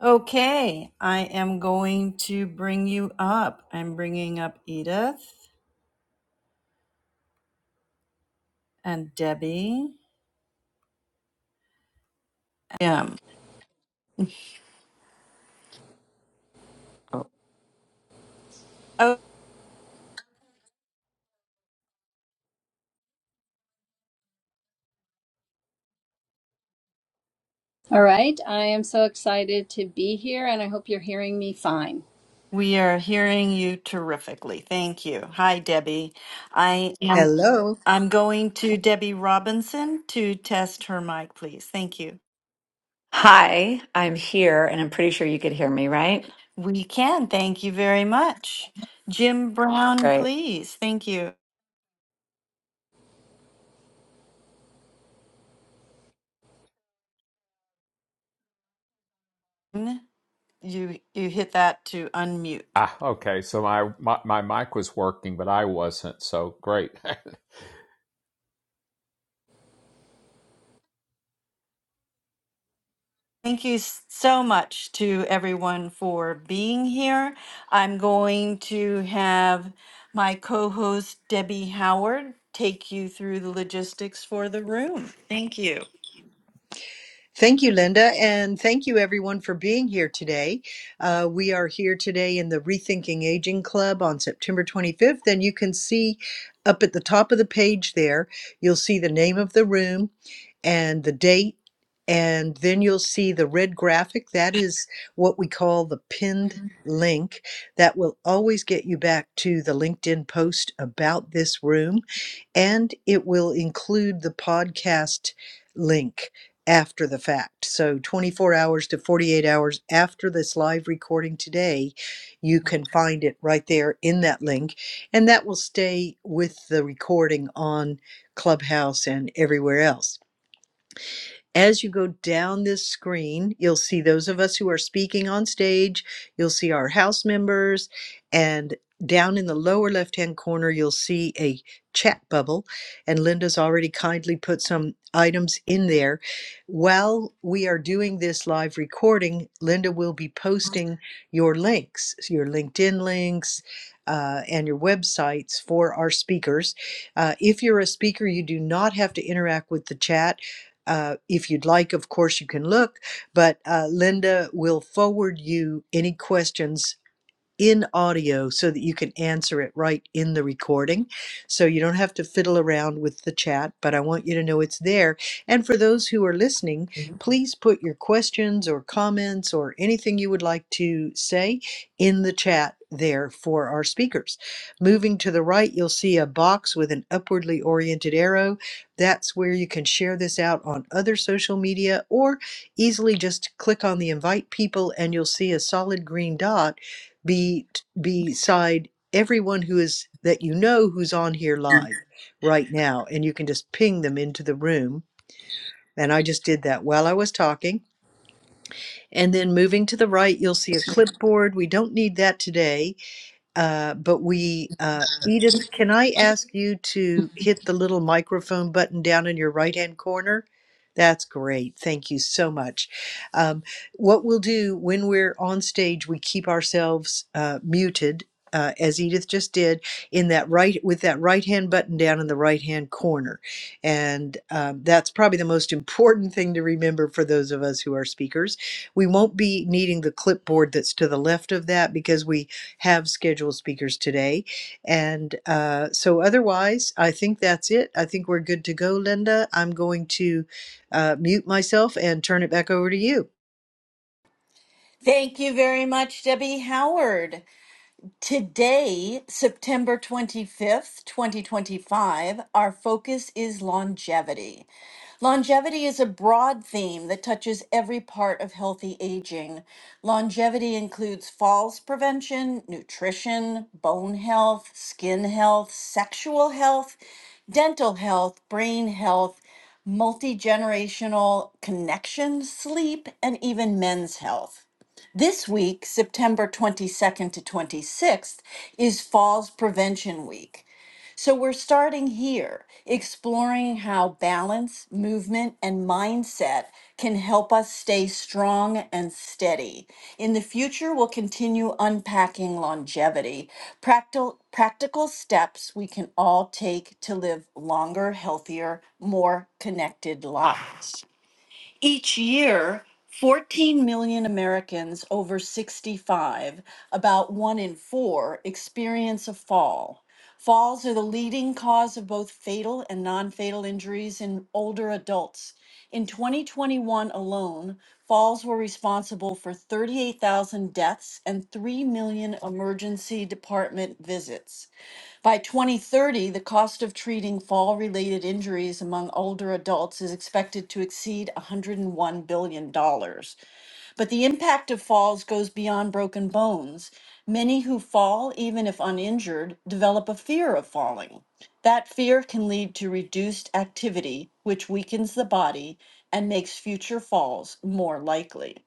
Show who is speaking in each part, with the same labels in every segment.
Speaker 1: Okay, I am going to bring you up. I'm bringing up Edith and Debbie. Um, oh,
Speaker 2: All right. I am so excited to be here, and I hope you're hearing me fine.
Speaker 1: we are hearing you terrifically. Thank you. Hi, Debbie. I am.
Speaker 3: Hello.
Speaker 1: I'm going to Debbie Robinson to test her mic, please. Thank you.
Speaker 4: Hi, I'm here and I'm pretty sure you could hear me, right?
Speaker 1: We can. Thank you very much. Jim Brown,
Speaker 4: Great.
Speaker 1: please. Thank you. You you hit that to unmute.
Speaker 5: Ah, okay. So my, my my mic was working, but I wasn't. So great.
Speaker 1: Thank you s- so much to everyone for being here. I'm going to have my co host Debbie Howard take you through the logistics for the room. Thank you.
Speaker 3: Thank you, Linda, and thank you everyone for being here today. Uh, we are here today in the Rethinking Aging Club on September 25th, and you can see up at the top of the page there, you'll see the name of the room and the date, and then you'll see the red graphic. That is what we call the pinned link that will always get you back to the LinkedIn post about this room, and it will include the podcast link. after the fact. So 24 hours to 48 hours after this live recording today, you can find it right there in that link. And that will stay with the recording on Clubhouse and everywhere else. As you go down this screen, you'll see those of us who are speaking on stage, you'll see our house members, and down in the lower left hand corner, you'll see a chat bubble. And Linda's already kindly put some items in there. While we are doing this live recording, Linda will be posting your links, your LinkedIn links, uh, and your websites for our speakers. Uh, if you're a speaker, you do not have to interact with the chat uh, if you'd like, of course, you can look, but uh, Linda will forward you any questions in audio so that you can answer it right in the recording. So you don't have to fiddle around with the chat, but I want you to know it's there. And for those who are listening, please put your questions or comments or anything you would like to say in the chat there for our speakers. Moving to the right, you'll see a box with an upwardly oriented arrow. That's where you can share this out on other social media or easily just click on the invite people and you'll see a solid green dot be beside everyone who is that you know who's on here live right now and you can just ping them into the room and i just did that while i was talking and then moving to the right you'll see a clipboard we don't need that today uh, but we, uh, Edith, can I ask you to hit the little microphone button down in your right hand corner? That's great. Thank you so much. Um, what we'll do when we're on stage, we keep ourselves uh, muted. Uh, as Edith just did, in that right with that right hand button down in the right hand corner, and um, that's probably the most important thing to remember for those of us who are speakers. We won't be needing the clipboard that's to the left of that because we have scheduled speakers today. And uh, so, otherwise, I think that's it. I think we're good to go, Linda. I'm going to uh, mute myself and turn it back over to you.
Speaker 1: Thank you very much, Debbie Howard. Today, September 25th, 2025, our focus is longevity. Longevity is a broad theme that touches every part of healthy aging. Longevity includes falls prevention, nutrition, bone health, skin health, sexual health, dental health, brain health, multi generational connections, sleep, and even men's health. This week, September 22nd to 26th, is Falls Prevention Week. So we're starting here, exploring how balance, movement, and mindset can help us stay strong and steady. In the future, we'll continue unpacking longevity, practical, practical steps we can all take to live longer, healthier, more connected lives. Each year, 14 million Americans over 65, about one in four, experience a fall. Falls are the leading cause of both fatal and non fatal injuries in older adults. In 2021 alone, falls were responsible for 38,000 deaths and 3 million emergency department visits. By 2030, the cost of treating fall related injuries among older adults is expected to exceed $101 billion. dollars. But the impact of falls goes beyond broken bones. Many who fall, even if uninjured, develop a fear of falling. That fear can lead to reduced activity, which weakens the body and makes future falls more likely.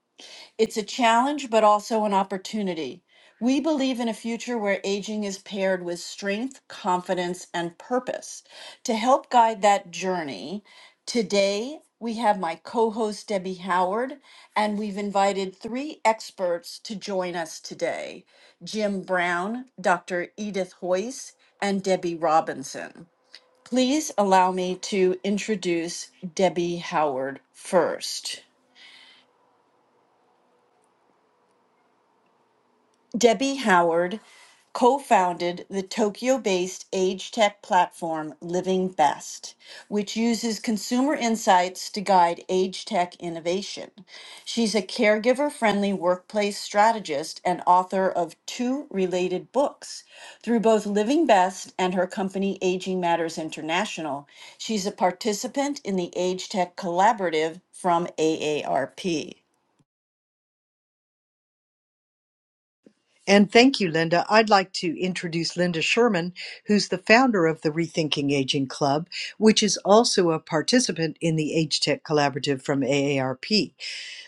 Speaker 1: It's a challenge, but also an opportunity. We believe in a future where aging is paired with strength, confidence, and purpose. To help guide that journey, today we have my co host, Debbie Howard, and we've invited three experts to join us today Jim Brown, Dr. Edith Hoyce, and Debbie Robinson. Please allow me to introduce Debbie Howard first. Debbie Howard co founded the Tokyo based age tech platform Living Best, which uses consumer insights to guide age tech innovation. She's a caregiver friendly workplace strategist and author of two related books. Through both Living Best and her company Aging Matters International, she's a participant in the Age Tech Collaborative from AARP.
Speaker 3: And thank you, Linda. I'd like to introduce Linda Sherman, who's the founder of the Rethinking Aging Club, which is also a participant in the Age Tech Collaborative from AARP.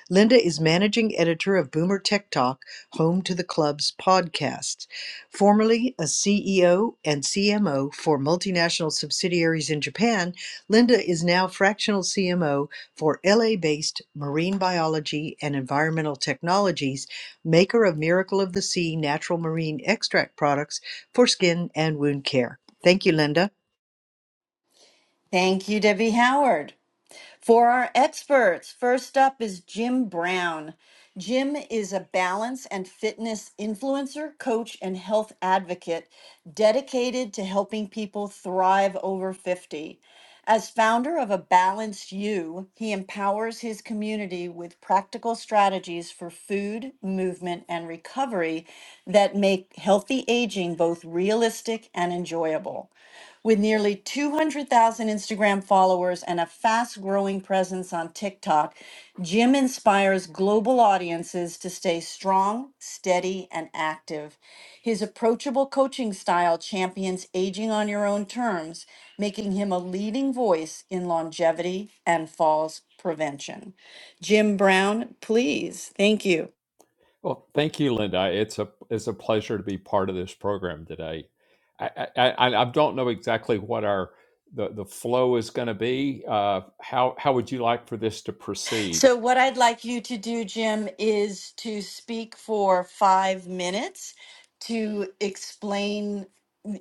Speaker 3: Linda is managing editor of Boomer Tech Talk, home to the club's podcasts. Formerly a CEO and CMO for multinational subsidiaries in Japan, Linda is now fractional CMO for LA based Marine Biology and Environmental Technologies, maker of Miracle of the Sea natural marine extract products for skin and wound care. Thank you, Linda.
Speaker 1: Thank you, Debbie Howard. For our experts, first up is Jim Brown. Jim is a balance and fitness influencer, coach, and health advocate dedicated to helping people thrive over 50. As founder of A Balanced You, he empowers his community with practical strategies for food, movement, and recovery that make healthy aging both realistic and enjoyable. With nearly 200,000 Instagram followers and a fast growing presence on TikTok, Jim inspires global audiences to stay strong, steady, and active. His approachable coaching style champions aging on your own terms, making him a leading voice in longevity and falls prevention. Jim Brown, please, thank you.
Speaker 5: well, thank you, Linda. It's a it's a pleasure to be part of this program today. I I, I, I don't know exactly what our the, the flow is going to be. Uh, how how would you like for this to proceed?
Speaker 1: So, what I'd like you to do, Jim, is to speak for five minutes to explain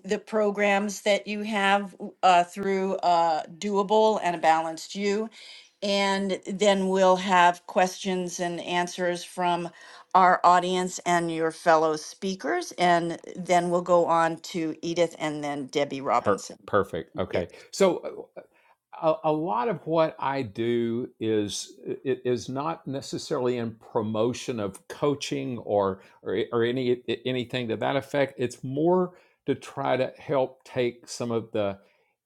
Speaker 1: the programs that you have uh, through uh, Doable and a Balanced You. And then we'll have questions and answers from our audience and your fellow speakers. And then we'll go on to Edith and then Debbie
Speaker 5: Per-
Speaker 1: Robinson.
Speaker 5: perfect. Okay. So uh, a, a lot of what I do is it is not necessarily in promotion of coaching or or, or any anything to that effect. It's more to try to help take some of the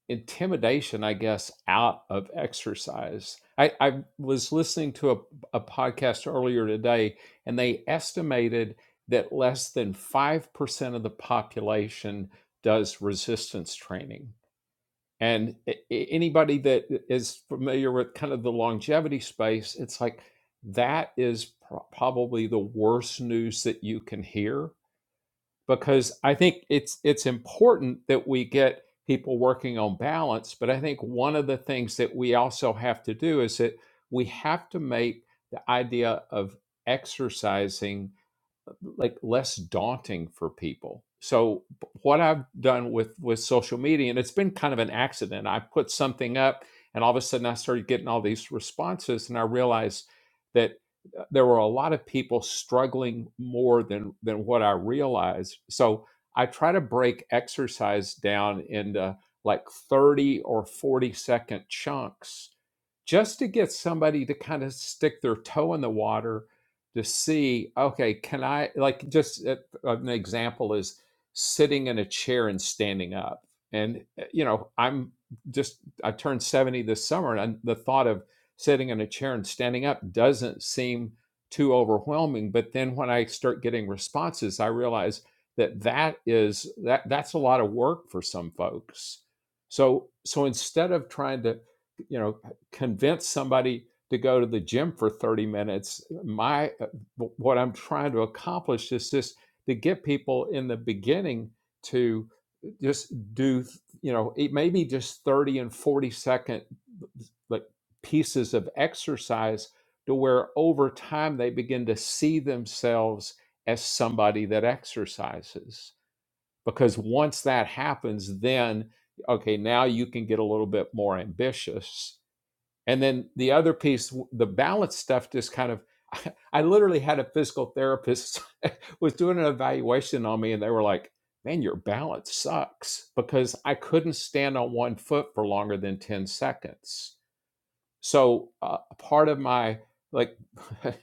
Speaker 5: intimidation, I guess, out of exercise. I, I was listening to a, a podcast earlier today, and they estimated that less than 5% of the population does resistance training. And anybody that is familiar with kind of the longevity space, it's like that is pro- probably the worst news that you can hear because I think it's it's important that we get people working on balance. But I think one of the things that we also have to do is that we have to make the idea of exercising like less daunting for people. So what I've done with with social media, and it's been kind of an accident. I put something up, and all of a sudden I started getting all these responses, and I realized that uh, there were a lot of people struggling more than than what I realized. So I try to break exercise down into like 30 or 40 second chunks just to get somebody to kind of stick their toe in the water to see okay can i like just uh, an example is sitting in a chair and standing up and uh, you know i'm just i turned 70 this summer and I, the thought of sitting in a chair and standing up doesn't seem too overwhelming but then when i start getting responses i realize that that is that that's a lot of work for some folks so so instead of trying to you know convince somebody to go to the gym for 30 minutes my what i'm trying to accomplish is just to get people in the beginning to just do you know it maybe just 30 and 40 second like pieces of exercise to where over time they begin to see themselves as somebody that exercises because once that happens then okay now you can get a little bit more ambitious and then the other piece, the balance stuff, just kind of, I literally had a physical therapist was doing an evaluation on me, and they were like, "Man, your balance sucks," because I couldn't stand on one foot for longer than ten seconds. So uh, part of my like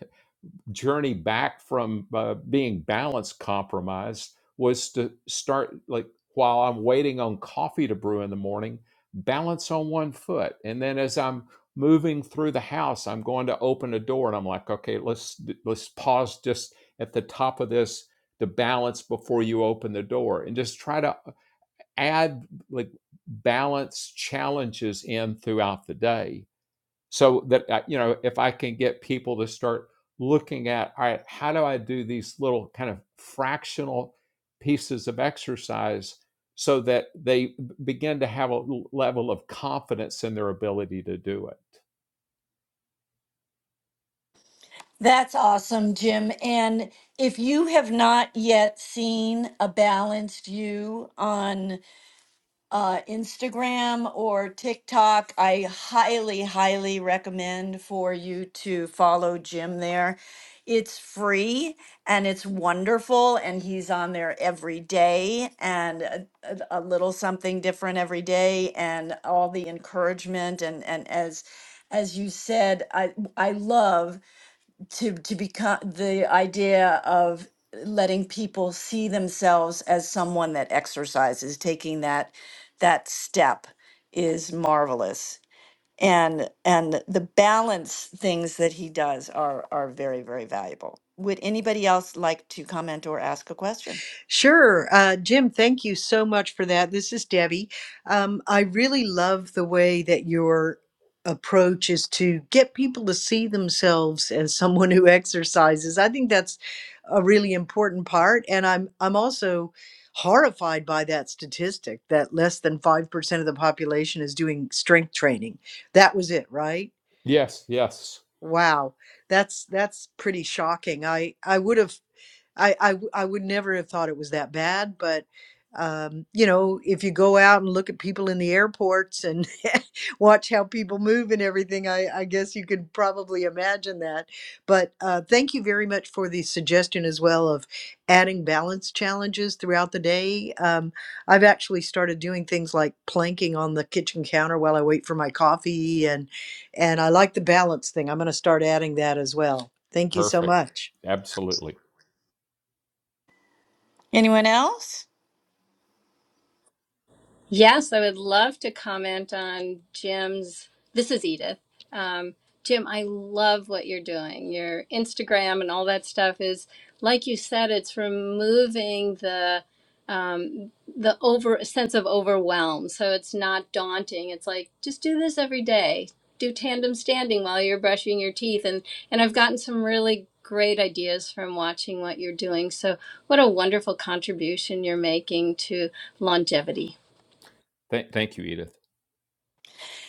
Speaker 5: journey back from uh, being balance compromised was to start like while I'm waiting on coffee to brew in the morning, balance on one foot. And then as I'm moving through the house, I'm going to open a door and I'm like, okay, let's let's pause just at the top of this to balance before you open the door and just try to uh, add like balance challenges in throughout the day so that uh, you know if i can get people to start looking at all right how do i do these little kind of fractional pieces of exercise so that they begin to have a level of confidence in their ability to do it
Speaker 1: That's awesome, Jim. And if you have not yet seen a balanced you on uh, Instagram or TikTok, I highly, highly recommend for you to follow Jim there. It's free and it's wonderful, and he's on there every day and a, a a little something different every day, and all the encouragement and and as as you said, I I love to to become the idea of letting people see themselves as someone that exercises taking that that step is marvelous and and the balance things that he does are are very very valuable would anybody else like to comment or ask a question
Speaker 3: Sure. Uh, Jim, thank you so much for that. This is Debbie. Um, I really love the way that your approach is to get people to see themselves as someone who exercises. I think that's a really important part. And I'm, I'm also horrified by that statistic that less than 5% of the population is doing strength training. That was it, right?
Speaker 5: yes yes
Speaker 3: Wow. That's that's pretty shocking. I I would have I I I would never have thought it was that bad, but um, you know, if you go out and look at people in the airports and watch how people move and everything, I, I guess you could probably imagine that. But uh, thank you very much for the suggestion as well of adding balance challenges throughout the day. Um, I've actually started doing things like planking on the kitchen counter while I wait for my coffee, and and I like the balance thing. I'm going to start adding that as well. Thank you so
Speaker 5: perfect
Speaker 3: much.
Speaker 5: absolutely
Speaker 1: anyone else
Speaker 2: Yes, I would love to comment on Jim's. This is Edith. Um, Jim, I love what you're doing. Your Instagram and all that stuff is, like you said, it's removing the um, the over sense of overwhelm. So it's not daunting. It's like just do this every day. Do tandem standing while you're brushing your teeth, and and I've gotten some really great ideas from watching what you're doing. So what a wonderful contribution you're making to longevity.
Speaker 5: Th- thank you edith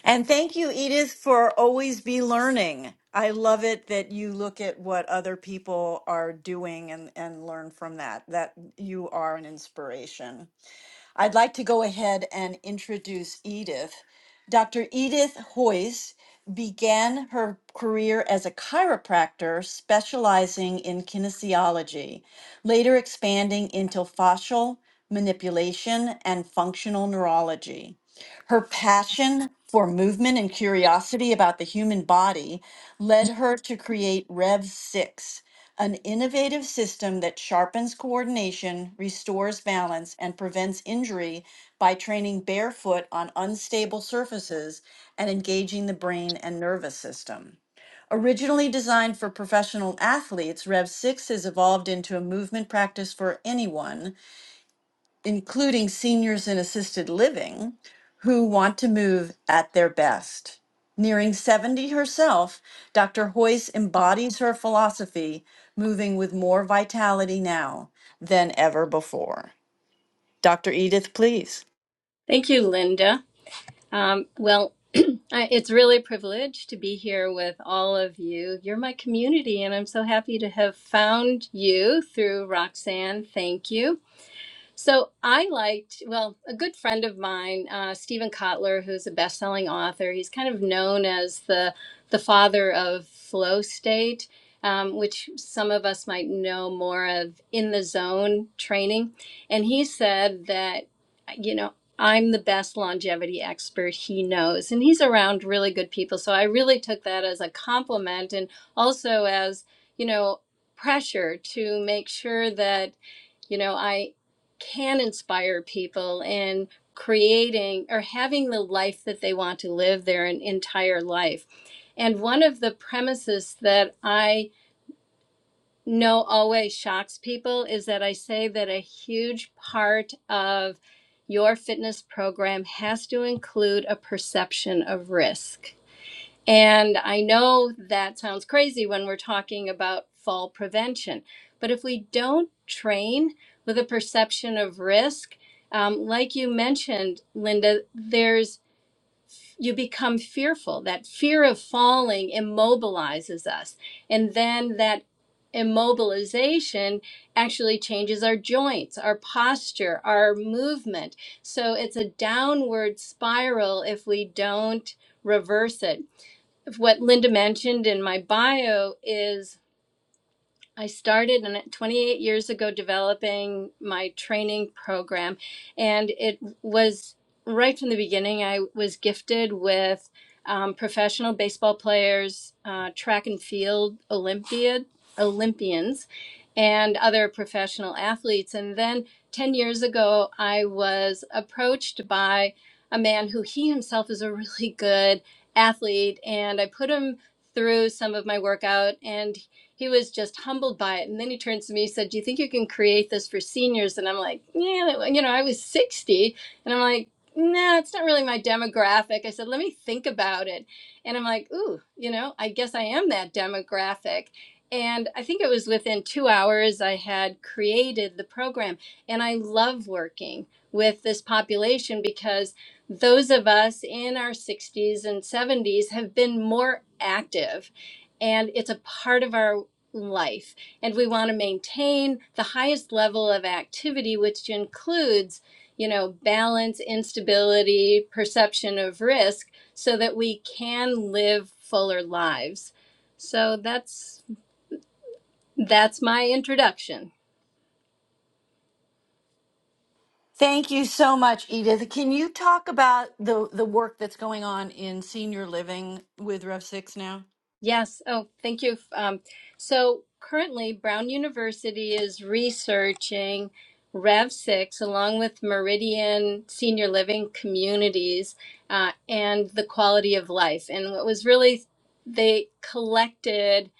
Speaker 1: And thank you, Edith, for always be learning. I love it that you look at what other people are doing and, and learn from that. That you are an inspiration. I'd like to go ahead and introduce Edith. Dr. Edith Hoyes began her career as a chiropractor specializing in kinesiology, later expanding into fascial manipulation and functional neurology. Her passion for movement and curiosity about the human body led her to create Rev 6, an innovative system that sharpens coordination, restores balance, and prevents injury by training barefoot on unstable surfaces and engaging the brain and nervous system. Originally designed for professional athletes, Rev 6 has evolved into a movement practice for anyone including seniors in assisted living who want to move at their best. Nearing 70 herself, Dr. Hoyce embodies her philosophy, moving with more vitality now than ever before. Dr. Edith, please.
Speaker 2: Thank you, Linda. Um, well, I- it's really a privilege to be here with all of you. You're my community, and I'm so happy to have found you through Roxanne. Thank you. So I liked, well, a good friend of mine, uh, Stephen Kotler, who's a best-selling author. He's kind of known as the the father of flow state, um, which some of us might know more of in the zone training. And he said that, you know, I'm the best longevity expert he knows, and he's around really good people. So I really took that as a compliment, and also as you know pressure to make sure that you know i can inspire people in creating or having the life that they want to live their entire life and one of the premises that i know always shocks people is that i say that a huge part of your fitness program has to include a perception of risk and I know that sounds crazy when we're talking about fall prevention, but if we don't train with a perception of risk, um, like you mentioned, Linda, there's you become fearful. That fear of falling immobilizes us, and then that immobilization actually changes our joints, our posture, our movement. So it's a downward spiral if we don't reverse it of what Linda mentioned in my bio is I started in- 28 years ago developing my training program, and it was right from the beginning. I was gifted with um, professional baseball players, uh, track and field Olympiad Olympians, and other professional athletes. And then 10 years ago, I was approached by a man who he himself is a really good athlete, and I put him through some of my workout, and he was just humbled by it. And then he turns to me, he said, Do you think you can create this for seniors? And I'm like, Yeah, you know, I was 60. And I'm like, no, Nah, it's not really my demographic. I said, Let me think about it. And I'm like, Ooh, you know, I guess I am that demographic. And I think it was within two hours I had created the program. And I love working with this population because those of us in our 60s and 70s have been more active and it's a part of our life. And we want to maintain the highest level of activity, which includes, you know, balance, instability, perception of risk, so that we can live fuller lives. So that's that's my introduction.
Speaker 1: Thank you so much, Edith. Can you talk about the, the work that's going on in senior living with Rev Six now?
Speaker 2: Yes. Oh, thank you. Um, so currently, Brown University is researching Rev 6 along with Meridian Senior Living Communities uh, and the quality of life. And what was really, they collected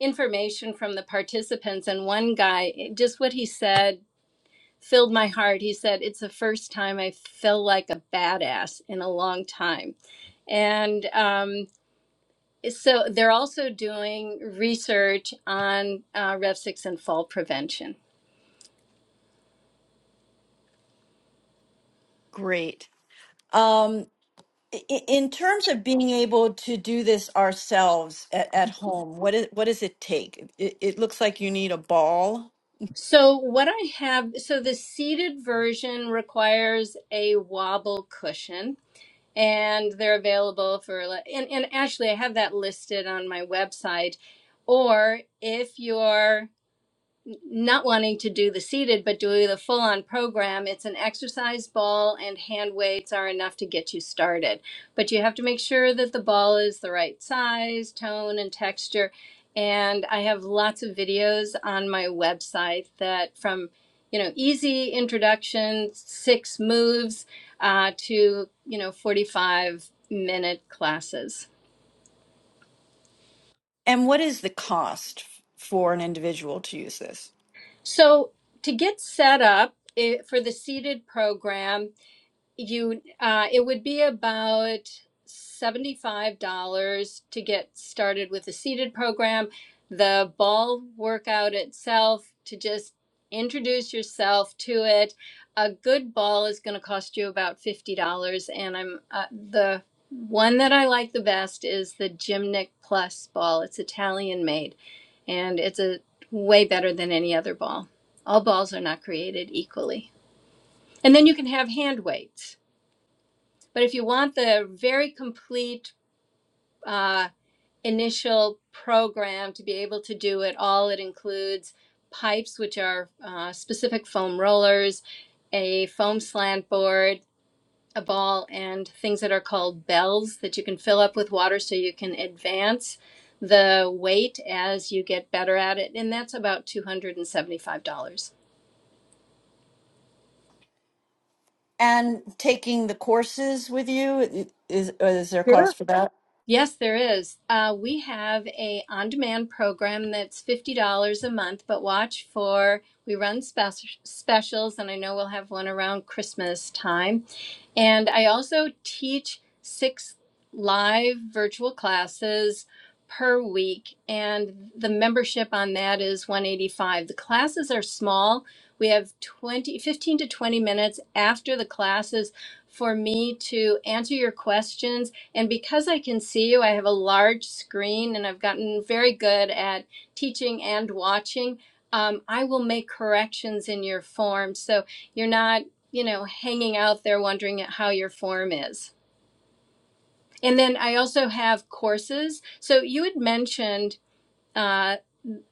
Speaker 2: information from the participants. And one guy, just what he said filled my heart. He said, It's the first time I feel like a badass in a long time. And, um, so they're also doing research on uh, Rev6 and fall prevention.
Speaker 1: Great. Um, I- In terms of being able to do this ourselves at, at home, what is what does it take? It, it looks like you need a ball.
Speaker 2: So what I have, so the seated version requires a wobble cushion, and they're available for. And, and actually, I have that listed on my website. Or if you're not wanting to do the seated, but do the full on program, it's an exercise ball and hand weights are enough to get you started. But you have to make sure that the ball is the right size, tone, and texture. And I have lots of videos on my website that from, you know, easy introduction, six moves uh, to, you know, 45 minute classes.
Speaker 1: And what is the cost f- for an individual to use this?
Speaker 2: So to get set up eh, for the seated program, you uh, it would be about $75 to get started with the seated program the ball workout itself to just introduce yourself to it a good ball is going to cost you about $50 and i'm uh, the one that i like the best is the gymnic plus ball it's italian made and it's a way better than any other ball all balls are not created equally and then you can have hand weights but if you want the very complete uh, initial program to be able to do it all, it includes pipes, which are uh, specific foam rollers, a foam slant board, a ball, and things that are called bells that you can fill up with water so you can advance the weight as you get better at it. And that's about $275.
Speaker 1: And taking the courses with you i- is is there a cost for that?
Speaker 2: Yes, there is. Uh, we have a on-demand program that's fifty dollars a month, but watch for we run spec- specials, and I know we'll have one around Christmas time. And I also teach six live virtual classes per week, and the membership on that is 185. The classes are small. We have 20, 15 to 20 minutes after the classes for me to answer your questions. And because I can see you, I have a large screen and I've gotten very good at teaching and watching. Um, I will make corrections in your form. So you're not you know, hanging out there wondering at how your form is. And then I also have courses. So you had mentioned uh,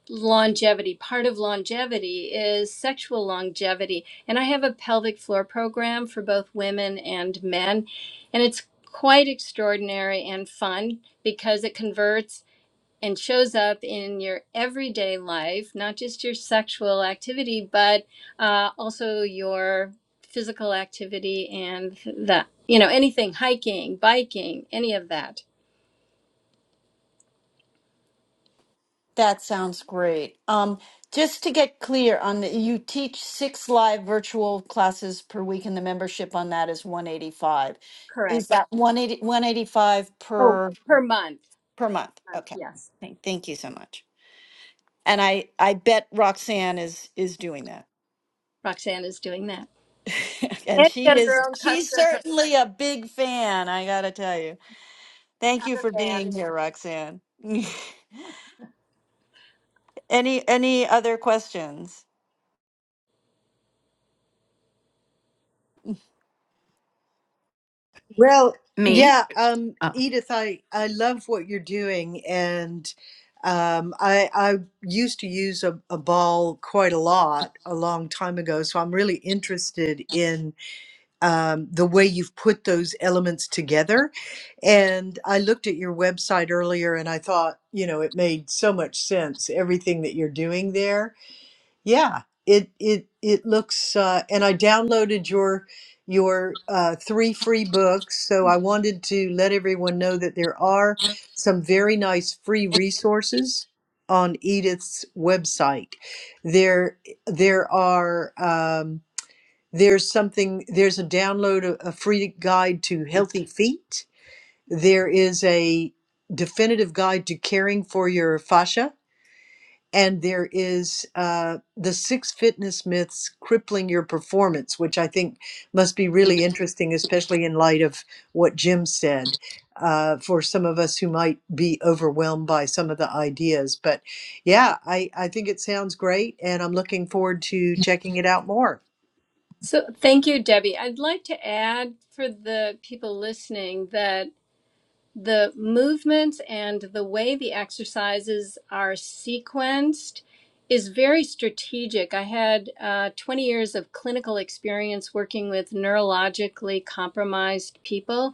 Speaker 2: longevity. Part of longevity is sexual longevity. And I have a pelvic floor program for both women and men. And it's quite extraordinary and fun because it converts and shows up in your everyday life, not just your sexual activity, but uh, also your physical activity and the, you know, anything, hiking, biking, any of that.
Speaker 1: That sounds great. Um, just to get clear on the, you teach six live virtual classes per week, and the membership on that is 185. Is
Speaker 2: Correct.
Speaker 1: that one eighty one eighty five
Speaker 2: Oh,
Speaker 1: per?
Speaker 2: per month.
Speaker 1: Per month.
Speaker 2: Month,
Speaker 1: Okay.
Speaker 2: yes.
Speaker 1: Thank, thank you so much. And I, I bet Roxanne is, is doing that.
Speaker 2: Roxanne is doing that.
Speaker 1: and
Speaker 2: And she
Speaker 1: she
Speaker 2: has
Speaker 1: is,
Speaker 2: her own
Speaker 1: she's
Speaker 2: custom program.
Speaker 1: certainly a big fan. I gotta tell you. Thank
Speaker 2: I'm
Speaker 1: you for
Speaker 2: a fan.
Speaker 1: being here, Roxanne. any, any other questions?
Speaker 3: Well,
Speaker 4: Me?
Speaker 3: yeah, um,
Speaker 4: Oh,
Speaker 3: Edith, I, I love what you're doing, and um, I I used to use a, a ball quite a lot a long time ago, so I'm really interested in um, the way you've put those elements together. And I looked at your website earlier, and I thought, you know, it made so much sense everything that you're doing there yeah, it it it looks uh, and I downloaded your your uh, three free books. So I wanted to let everyone know that there are some very nice free resources on Edith's website. There there are um, there's something there's a download a, a free guide to healthy feet. There is a definitive guide to caring for your fascia and there is uh, the six fitness myths crippling your performance, which I think must be really interesting, especially in light of what Jim said. Uh, for some of us who might be overwhelmed by some of the ideas, but yeah, I I think it sounds great, and I'm looking forward to checking it out more.
Speaker 2: So thank you, Debbie. I'd like to add for the people listening that the movements and the way the exercises are sequenced is very strategic. I had uh, 20 years of clinical experience working with neurologically compromised people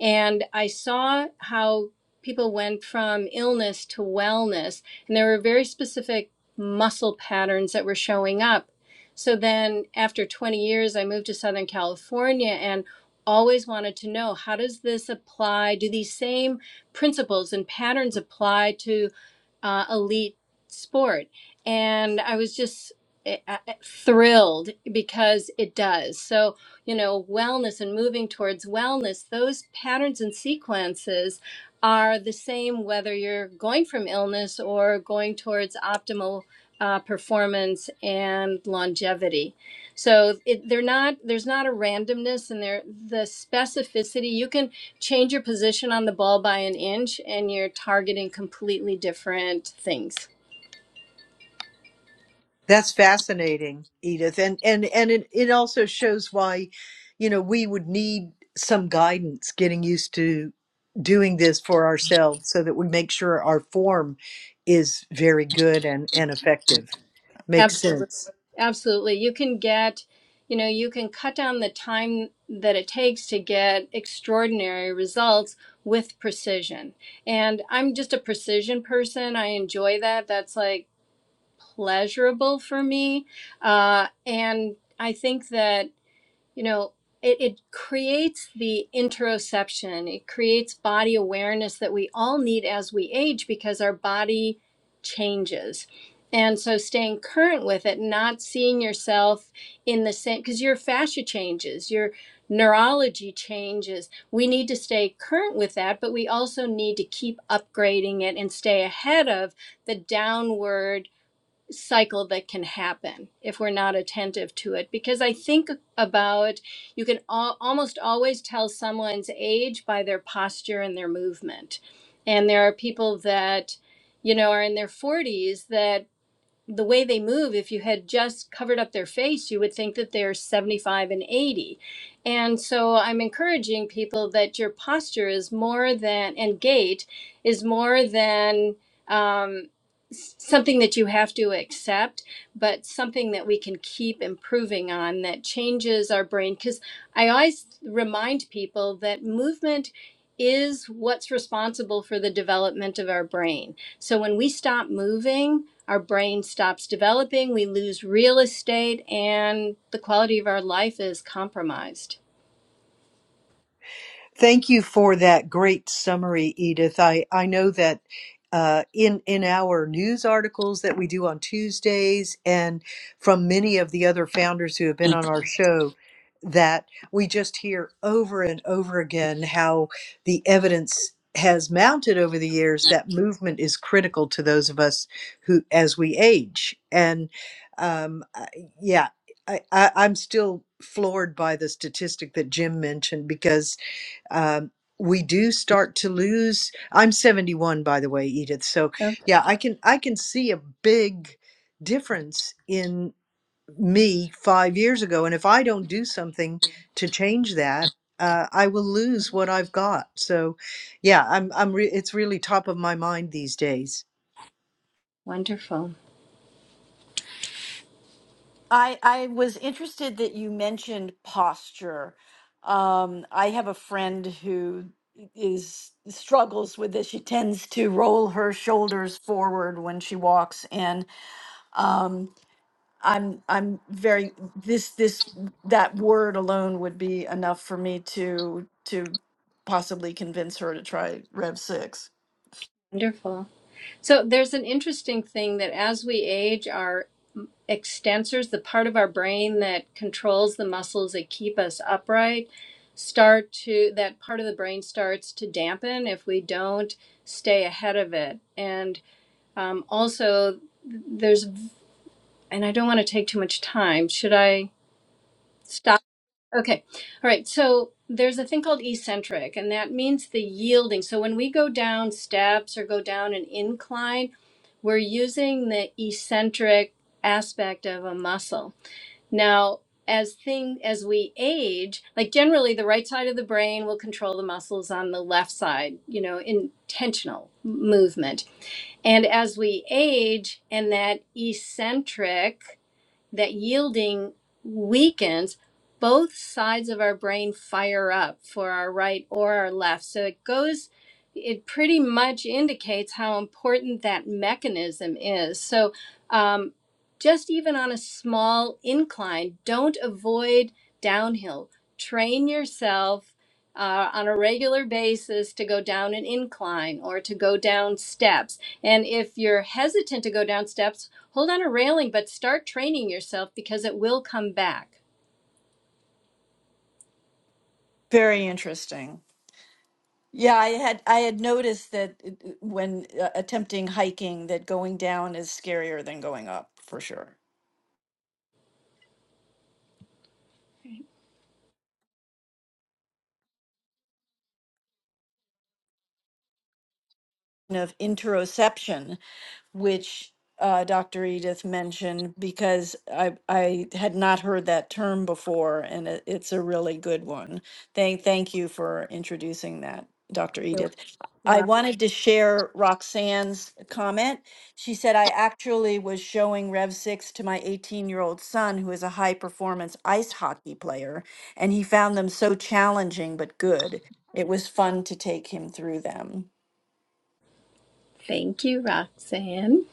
Speaker 2: and I saw how people went from illness to wellness. And there were very specific muscle patterns that were showing up. So then after 20 years, I moved to Southern California and always wanted to know how does this apply? Do these same principles and patterns apply to uh, elite sport. And I was just eh, eh, eh, thrilled because it does. So, you know, wellness and moving towards wellness, those patterns and sequences are the same whether you're going from illness or going towards optimal uh, performance and longevity. So it, they're not, there's not a randomness and they're the specificity. You can change your position on the ball by an inch and you're targeting completely different things.
Speaker 3: That's fascinating, Edith. And and and it, it also shows why, you know, we would need some guidance getting used to doing this for ourselves so that we make sure our form is very good and, and effective. Makes
Speaker 2: Absolutely.
Speaker 3: sense.
Speaker 2: Absolutely. You can get, you know, you can cut down the time that it takes to get extraordinary results with precision. And I'm just a precision person. I enjoy that. That's like pleasurable for me. Uh, and I think that you know it, it creates the interoception it creates body awareness that we all need as we age because our body changes and so staying current with it not seeing yourself in the same because your fascia changes your neurology changes we need to stay current with that but we also need to keep upgrading it and stay ahead of the downward cycle that can happen if we're not attentive to it because i think about you can al- almost always tell someone's age by their posture and their movement and there are people that you know are in their 40s that the way they move, if you had just covered up their face, you would think that they're 75 and 80. And so I'm encouraging people that your posture is more than, and gait is more than um, s- something that you have to accept, but something that we can keep improving on that changes our brain. Because I always remind people that movement is what's responsible for the development of our brain. So when we stop moving, our brain stops developing, we lose real estate, and the quality of our life is compromised.
Speaker 3: Thank you for that great summary, Edith. I, I know that uh, in in our news articles that we do on Tuesdays, and from many of the other founders who have been on our show, that we just hear over and over again how the evidence has mounted over the years that movement is critical to those of us who as we age and um, I- yeah I, I, i'm still floored by the statistic that jim mentioned because um, we do start to lose. I'm 71, by the way, Edith. So
Speaker 2: Okay.
Speaker 3: yeah, I can I can see a big difference in me five years ago, and if I don't do something to change that, uh, I will lose what I've got. So yeah, I'm I'm re- it's really top of my mind these days.
Speaker 2: Wonderful.
Speaker 1: I, I was interested that you mentioned posture. Um, I have a friend who is struggles with this. She tends to roll her shoulders forward when she walks, and um, I'm I'm very this this that word alone would be enough for me to to possibly convince her to try Rev six.
Speaker 2: Wonderful. So there's an interesting thing that as we age, our extensors, the part of our brain that controls the muscles that keep us upright, start to, that part of the brain starts to dampen if we don't stay ahead of it. And um, also, there's, and I don't want to take too much time. Should I stop? Okay. All right. So there's a thing called eccentric, and that means the yielding. So when we go down steps or go down an incline, we're using the eccentric aspect of a muscle. Now, as thing as we age, like generally the right side of the brain will control the muscles on the left side, you know, intentional movement. And as we age and that eccentric that yielding weakens, both sides of our brain fire up for our right or our left. So it goes, it pretty much indicates how important that mechanism is. So um, just even on a small incline, don't avoid downhill. Train yourself uh, on a regular basis to go down an incline or to go down steps. And if you're hesitant to go down steps, hold on a railing, but start training yourself because it will come back.
Speaker 1: Very interesting. Yeah, I had I had noticed that it- it- when uh, attempting hiking that going down is scarier than going up for sure. Of interoception which uh, Dr. Edith mentioned because I I had not heard that term before, and it, it's a really good one. Thank thank you for introducing that, Dr.
Speaker 2: You're
Speaker 1: Edith. I
Speaker 2: Well,
Speaker 1: wanted to share Roxanne's comment. She said, I actually was showing Rev 6 to my 18 year old son, who is a high performance ice hockey player, and he found them so challenging but good. It was fun to take him through them.
Speaker 2: thank you, Roxanne.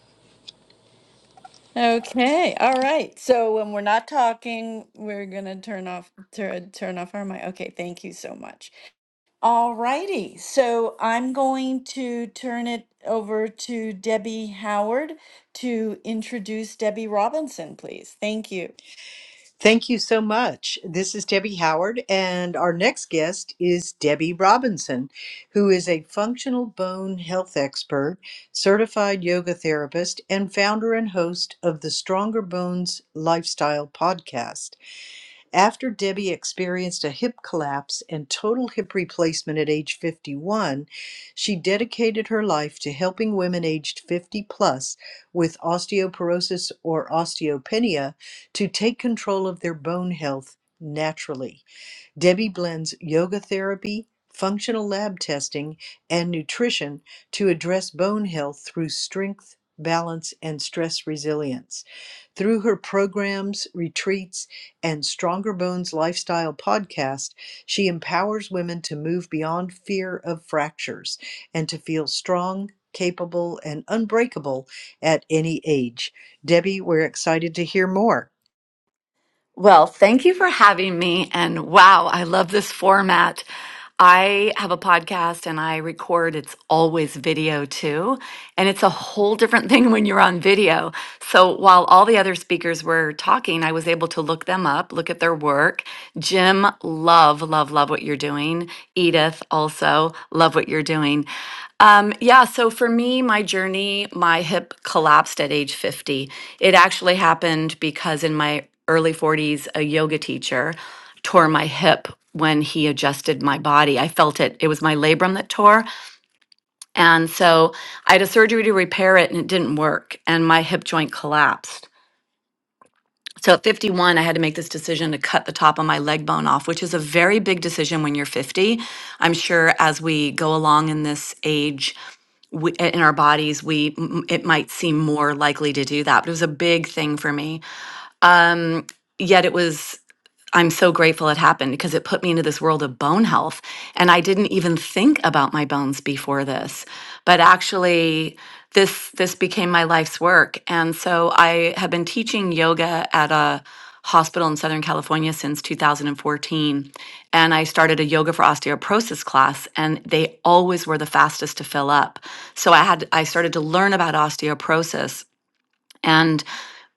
Speaker 1: Okay, all right. So when we're not talking, we're gonna turn off turn turn off our mic. Okay, thank you so much. All righty. So I'm going to turn it over to Debbie Howard to introduce Debbie Robinson, please. Thank you.
Speaker 3: Thank you so much. This is Debbie Howard, and our next guest is Debbie Robinson, who is a functional bone health expert, certified yoga therapist, and founder and host of the Stronger Bones Lifestyle podcast. After Debbie experienced a hip collapse and total hip replacement at age 51, she dedicated her life to helping women aged 50 plus with osteoporosis or osteopenia to take control of their bone health naturally. Debbie blends yoga therapy, functional lab testing, and nutrition to address bone health through strength, balance, and stress resilience. Through her programs, retreats, and Stronger Bones Lifestyle podcast, she empowers women to move beyond fear of fractures and to feel strong, capable, and unbreakable at any age. Debbie, we're excited to hear more.
Speaker 4: Well, thank you for having me. And wow, I love this format. I have a podcast and I record. It's always video too. And it's a whole different thing when you're on video. So while all the other speakers were talking, I was able to look them up, look at their work. Jim, love, love, love what you're doing. Edith, also, love what you're doing. Um, yeah, so for me, my journey, my hip collapsed at age 50. It actually happened because in my early 40s, a yoga teacher, tore my hip when he adjusted my body. I felt it. It was my labrum that tore. And so I had a surgery to repair it and it didn't work. And my hip joint collapsed. So at 51, I had to make this decision to cut the top of my leg bone off, which is a very big decision when you're 50. I'm sure as we go along in this age, we, in our bodies, we m- it might seem more likely to do that, but it was a big thing for me. Yet it was I'm so grateful it happened because it put me into this world of bone health. And I didn't even think about my bones before this. But actually, this this became my life's work. And so I have been teaching yoga at a hospital in Southern California since 2014. And I started a yoga for osteoporosis class and they always were the fastest to fill up. So I had I started to learn about osteoporosis and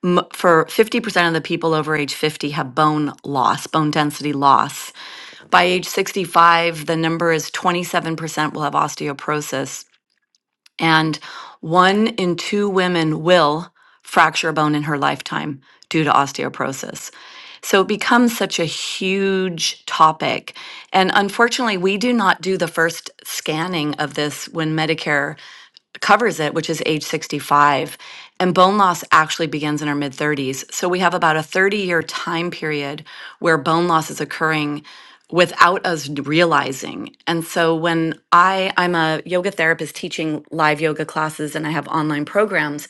Speaker 4: m- for 50% of the people over age 50 have bone loss, bone density loss. By age 65, the number is 27% will have osteoporosis. And one in two women will fracture a bone in her lifetime due to osteoporosis. So it becomes such a huge topic. And unfortunately, we do not do the first scanning of this when Medicare covers it, which is age 65. And bone loss actually begins in our mid 30s. So we have about a 30 year time period where bone loss is occurring without us realizing. And so when I I'm a yoga therapist teaching live yoga classes and I have online programs,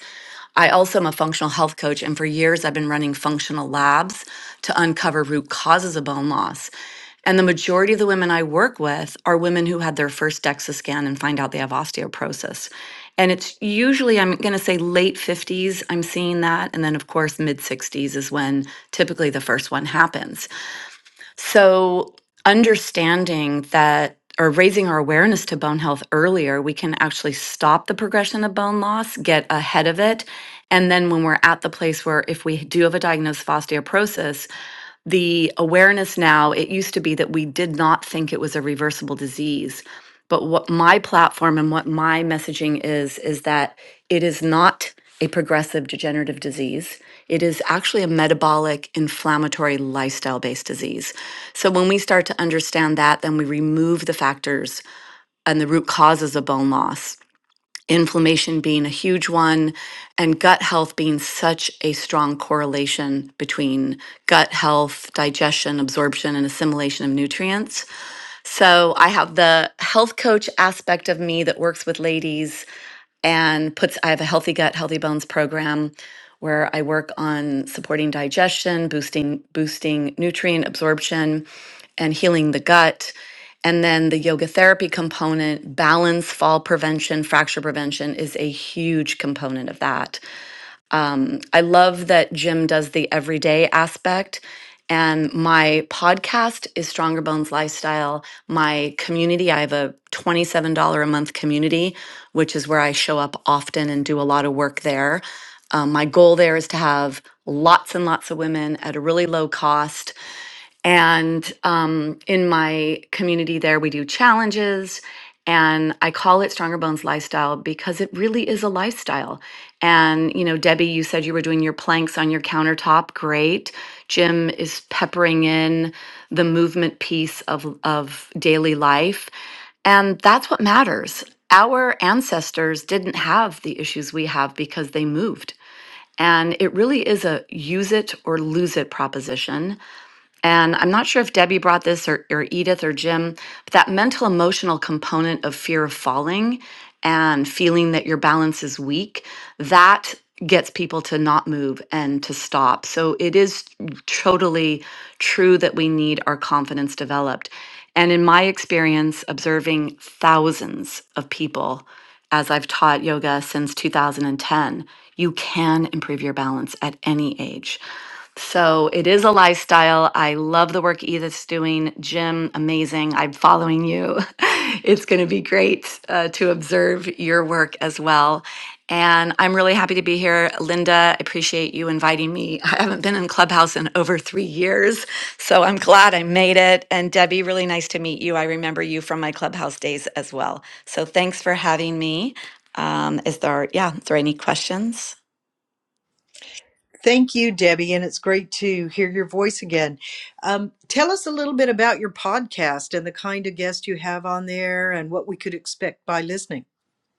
Speaker 4: I also am a functional health coach and for years I've been running functional labs to uncover root causes of bone loss. And the majority of the women I work with are women who had their first DEXA scan and find out they have osteoporosis. And it's usually, I'm going to say late 50s, I'm seeing that. And then, of course, mid 60s is when typically the first one happens. So, understanding that or raising our awareness to bone health earlier, we can actually stop the progression of bone loss, get ahead of it. And then, when we're at the place where if we do have a diagnosis of osteoporosis, the awareness now, it used to be that we did not think it was a reversible disease. But what my platform and what my messaging is, is that it is not a progressive degenerative disease. It is actually a metabolic, inflammatory, lifestyle based disease. So when we start to understand that, then we remove the factors and the root causes of bone loss. Inflammation being a huge one, and gut health being such a strong correlation between gut health, digestion, absorption, and assimilation of nutrients so I have the health coach aspect of me that works with ladies and puts, I have a healthy gut, healthy bones program where I work on supporting digestion, boosting, boosting nutrient absorption and healing the gut. And then the yoga therapy component, balance, fall prevention, fracture prevention is a huge component of that. Um, I love that Jim does the everyday aspect. And my podcast is Stronger Bones Lifestyle. My community, I have a $27 a month community, which is where I show up often and do a lot of work there. Um, my goal there is to have lots and lots of women at a really low cost and um, in my community there, we do challenges. And I call it Stronger Bones Lifestyle because it really is a lifestyle. And, you know, Debbie, you said you were doing your planks on your countertop. Great. Jim is peppering in the movement piece of, of daily life. And that's what matters. Our ancestors didn't have the issues we have because they moved. And it really is a use it or lose it proposition. And I'm not sure if Debbie brought this or, or Edith or Jim, but that mental emotional component of fear of falling and feeling that your balance is weak, that gets people to not move and to stop. So it is totally true that we need our confidence developed. And in my experience, observing thousands of people as I've taught yoga since 2010, you can improve your balance at any age. So it is a lifestyle. I love the work Edith's doing. Jim, amazing. I'm following you. It's going to be great uh, to observe your work as well. And I'm really happy to be here. Linda, I appreciate you inviting me. I haven't been in Clubhouse in over three years, so I'm glad I made it. And Debbie, really nice to meet you. I remember you from my Clubhouse days as well. So thanks for having me. Um, is there, yeah, is there any questions?
Speaker 3: Thank you, Debbie, and it's great to hear your voice again. Um, tell us a little bit about your podcast and the kind of guest you have on there and what we could expect by listening.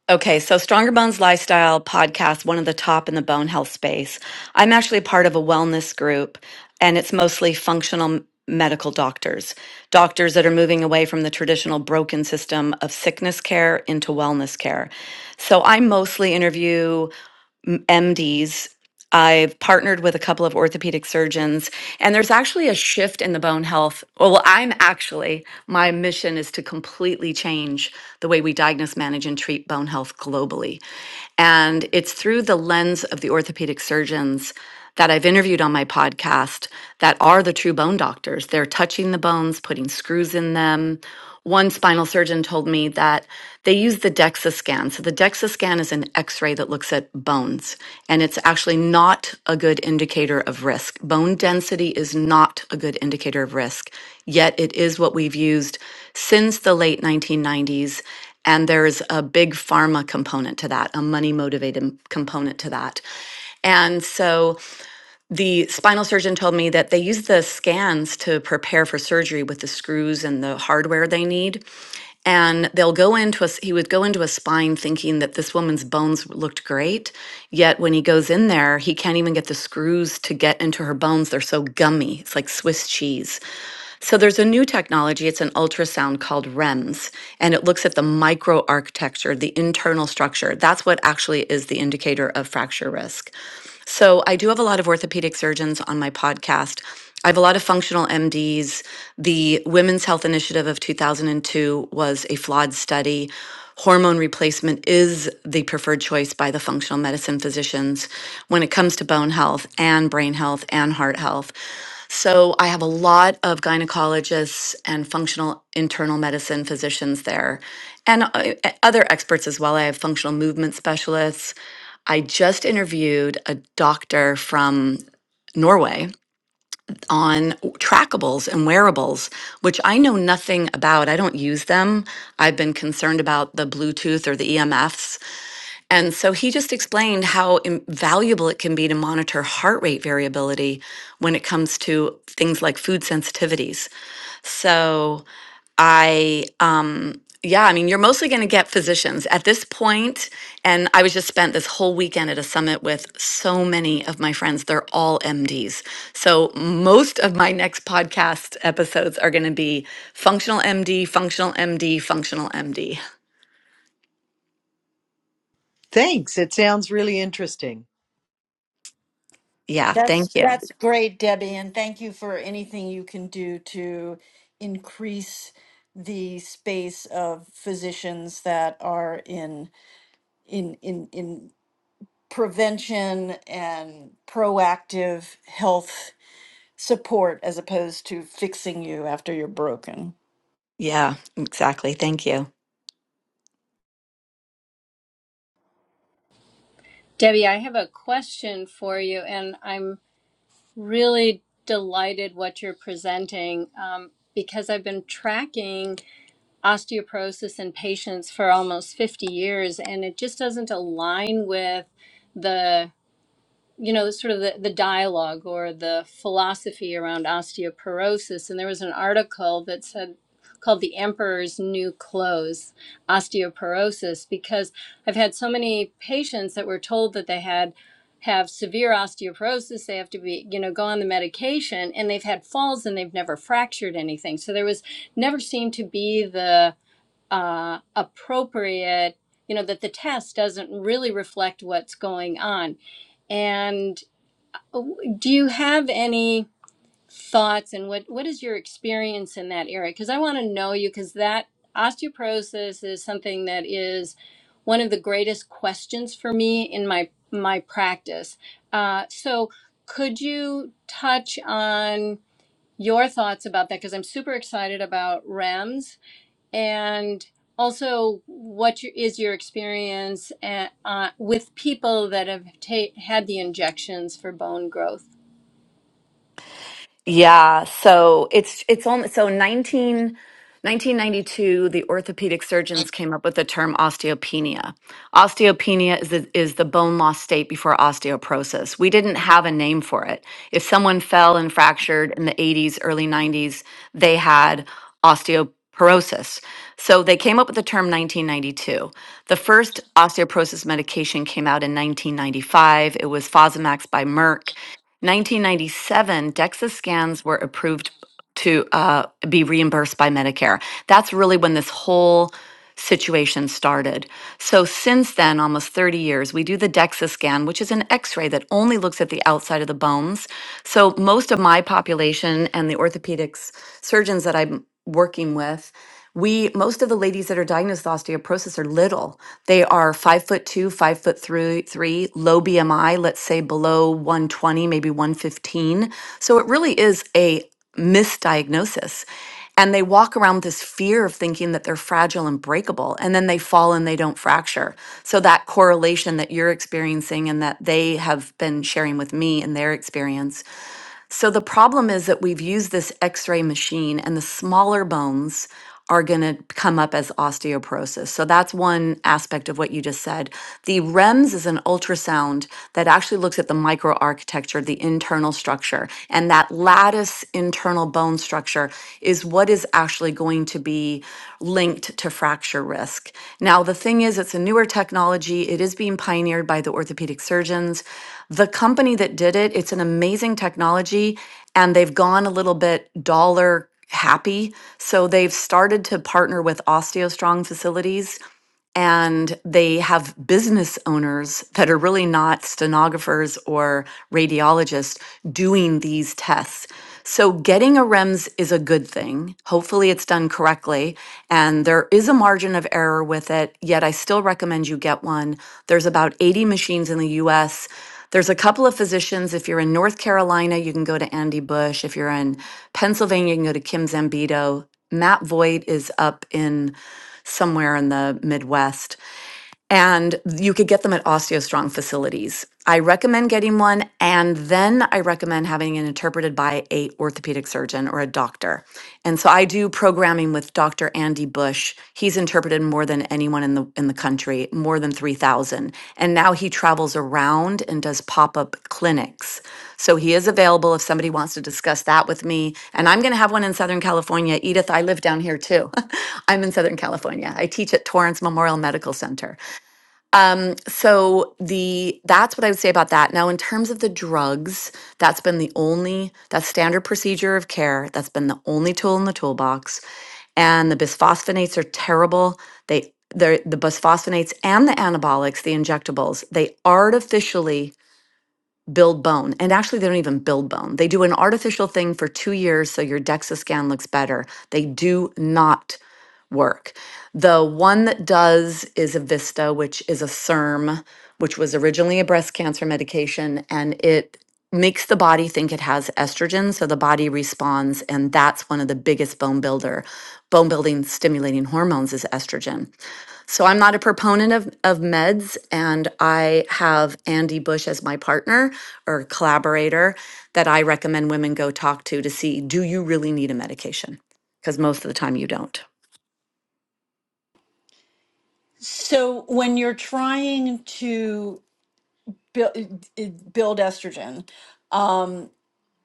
Speaker 4: Okay, so Stronger Bones Lifestyle podcast, one of the top in the bone health space. I'm actually part of a wellness group, and it's mostly functional m- medical doctors, doctors that are moving away from the traditional broken system of sickness care into wellness care. So I mostly interview m- MDs. I've partnered with a couple of orthopedic surgeons, and there's actually a shift in the bone health. Well, I'm actually, my mission is to completely change the way we diagnose, manage, and treat bone health globally. And it's through the lens of the orthopedic surgeons that I've interviewed on my podcast that are the true bone doctors. They're touching the bones, putting screws in them, one spinal surgeon told me that they use the DEXA scan. So the DEXA scan is an x-ray that looks at bones and it's actually not a good indicator of risk. Bone density is not a good indicator of risk, yet it is what we've used since the late 1990s. And there's a big pharma component to that, a money motivated component to that. And so the spinal surgeon told me that they use the scans to prepare for surgery with the screws and the hardware they need. And they'll go into a, s- he would go into a spine thinking that this woman's bones looked great. Yet when he goes in there, he can't even get the screws to get into her bones. They're so gummy. It's like Swiss cheese. So there's a new technology. It's an ultrasound called REMS, and it looks at the microarchitecture, the internal structure. That's what actually is the indicator of fracture risk. So I do have a lot of orthopedic surgeons on my podcast. I have a lot of functional MDs. The Women's Health Initiative of 2002 was a flawed study. Hormone replacement is the preferred choice by the functional medicine physicians when it comes to bone health and brain health and heart health. So I have a lot of gynecologists and functional internal medicine physicians there, and uh, e, other experts as well. I have functional movement specialists. I just interviewed a doctor from Norway on trackables and wearables, which I know nothing about. I don't use them. I've been concerned about the Bluetooth or the EMFs and so he just explained how im- valuable it can be to monitor heart rate variability when it comes to things like food sensitivities. So I, um, yeah, I mean, you're mostly going to get physicians at this point, point. And I was just spent this whole weekend at a summit with so many of my friends. They're all MDs. So most of my next podcast episodes are going to be functional MD, functional MD, functional MD.
Speaker 3: Thanks. It sounds really interesting.
Speaker 4: Yeah,
Speaker 1: That's
Speaker 4: thank you.
Speaker 1: that's great, Debbie, and thank you for anything you can do to increase the space of physicians that are in in in in prevention and proactive health support as opposed to fixing you after you're broken.
Speaker 4: Yeah, exactly. Thank you.
Speaker 2: Debbie, I have a question for you, and I'm really delighted what you're presenting um, because I've been tracking osteoporosis in patients for almost 50 years, and it just doesn't align with the you know, sort of the, the dialogue or the philosophy around osteoporosis. And there was an article that said, called The Emperor's New Clothes Osteoporosis, because I've had so many patients that were told that they had have severe osteoporosis they have to be you know go on the medication and they've had falls and they've never fractured anything so there was never seemed to be the uh, appropriate you know that the test doesn't really reflect what's going on and do you have any thoughts and what what is your experience in that area? Because I want to know you because that osteoporosis is something that is one of the greatest questions for me in my my practice. Uh, so could you touch on your thoughts about that? Because I'm super excited about REMS and also what your, is your experience at, uh, with people that have ta- had the injections for bone growth?
Speaker 4: Yeah, so it's it's only so 19, 1992. the orthopedic surgeons came up with the term osteopenia. Osteopenia is the, is the bone loss state before osteoporosis. We didn't have a name for it. If someone fell and fractured in the 80s, early 90s, they had osteoporosis. So they came up with the term 1992. The first osteoporosis medication came out in 1995. It was Fosamax by Merck. 1997, DEXA scans were approved to uh, be reimbursed by Medicare. That's really when this whole situation started. So, since then, almost 30 years, we do the DEXA scan, which is an x ray that only looks at the outside of the bones. So, most of my population and the orthopedics surgeons that I'm working with, we most of the ladies that are diagnosed with osteoporosis are little they are five foot two five foot three three low bmi let's say below 120 maybe 115 so it really is a misdiagnosis and they walk around with this fear of thinking that they're fragile and breakable and then they fall and they don't fracture so that correlation that you're experiencing and that they have been sharing with me in their experience so the problem is that we've used this x ray machine, and the smaller bones are going to come up as osteoporosis. So that's one aspect of what you just said. The REMS is an ultrasound that actually looks at the microarchitecture, the internal structure, and that lattice internal bone structure is what is is actually going to be linked to fracture risk. Now, the thing is, it's a newer technology. It is being pioneered by the orthopedic surgeons. The company that did it, it's an amazing technology, and they've gone a little bit dollar happy. So they've started to partner with OsteoStrong facilities and they have business owners that are really not stenographers or radiologists doing these tests. So, getting a REMS is a good thing. Hopefully, it's done correctly. And there is a margin of error with it, yet, I still recommend you get one. There's about 80 machines in the US. There's a couple of physicians. If you're in North Carolina, you can go to Andy Bush. If you're in Pennsylvania, you can go to Kim Zambito. Matt Voigt is up in somewhere in the Midwest and you could get them at OsteoStrong facilities. I recommend getting one, and then I recommend having it interpreted by a orthopedic surgeon or a doctor. And so I do programming with Dr. Andy Bush. He's interpreted more than anyone in the in the country, more than three thousand, and now he travels around and does pop up clinics. So he is available if somebody wants to discuss that with me. And I'm going to have one in Southern California. Edith, I live down here too. I'm in Southern California. I teach at Torrance Memorial Medical Center. Um, so the that's what I would say about that. Now, in terms of the drugs, that's been the only that's standard procedure of care. That's been the only tool in the toolbox. And the bisphosphonates are terrible. They they're, the bisphosphonates and the anabolics, the injectables, they artificially build bone. And actually, they don't even build bone. They do an artificial thing for two years so your DEXA scan looks better. They do not work. The one that does is Avista, which is a SERM, which was originally a breast cancer medication, and it makes the body think it has estrogen, so the body responds, and that's one of the biggest bone builder, bone building stimulating hormones is estrogen. So I'm not a proponent of, of meds, and I have Andy Bush as my partner or collaborator that I recommend women go talk to to see do you really need a medication? Because most of the time you don't.
Speaker 1: So when you're trying to build, build estrogen, um,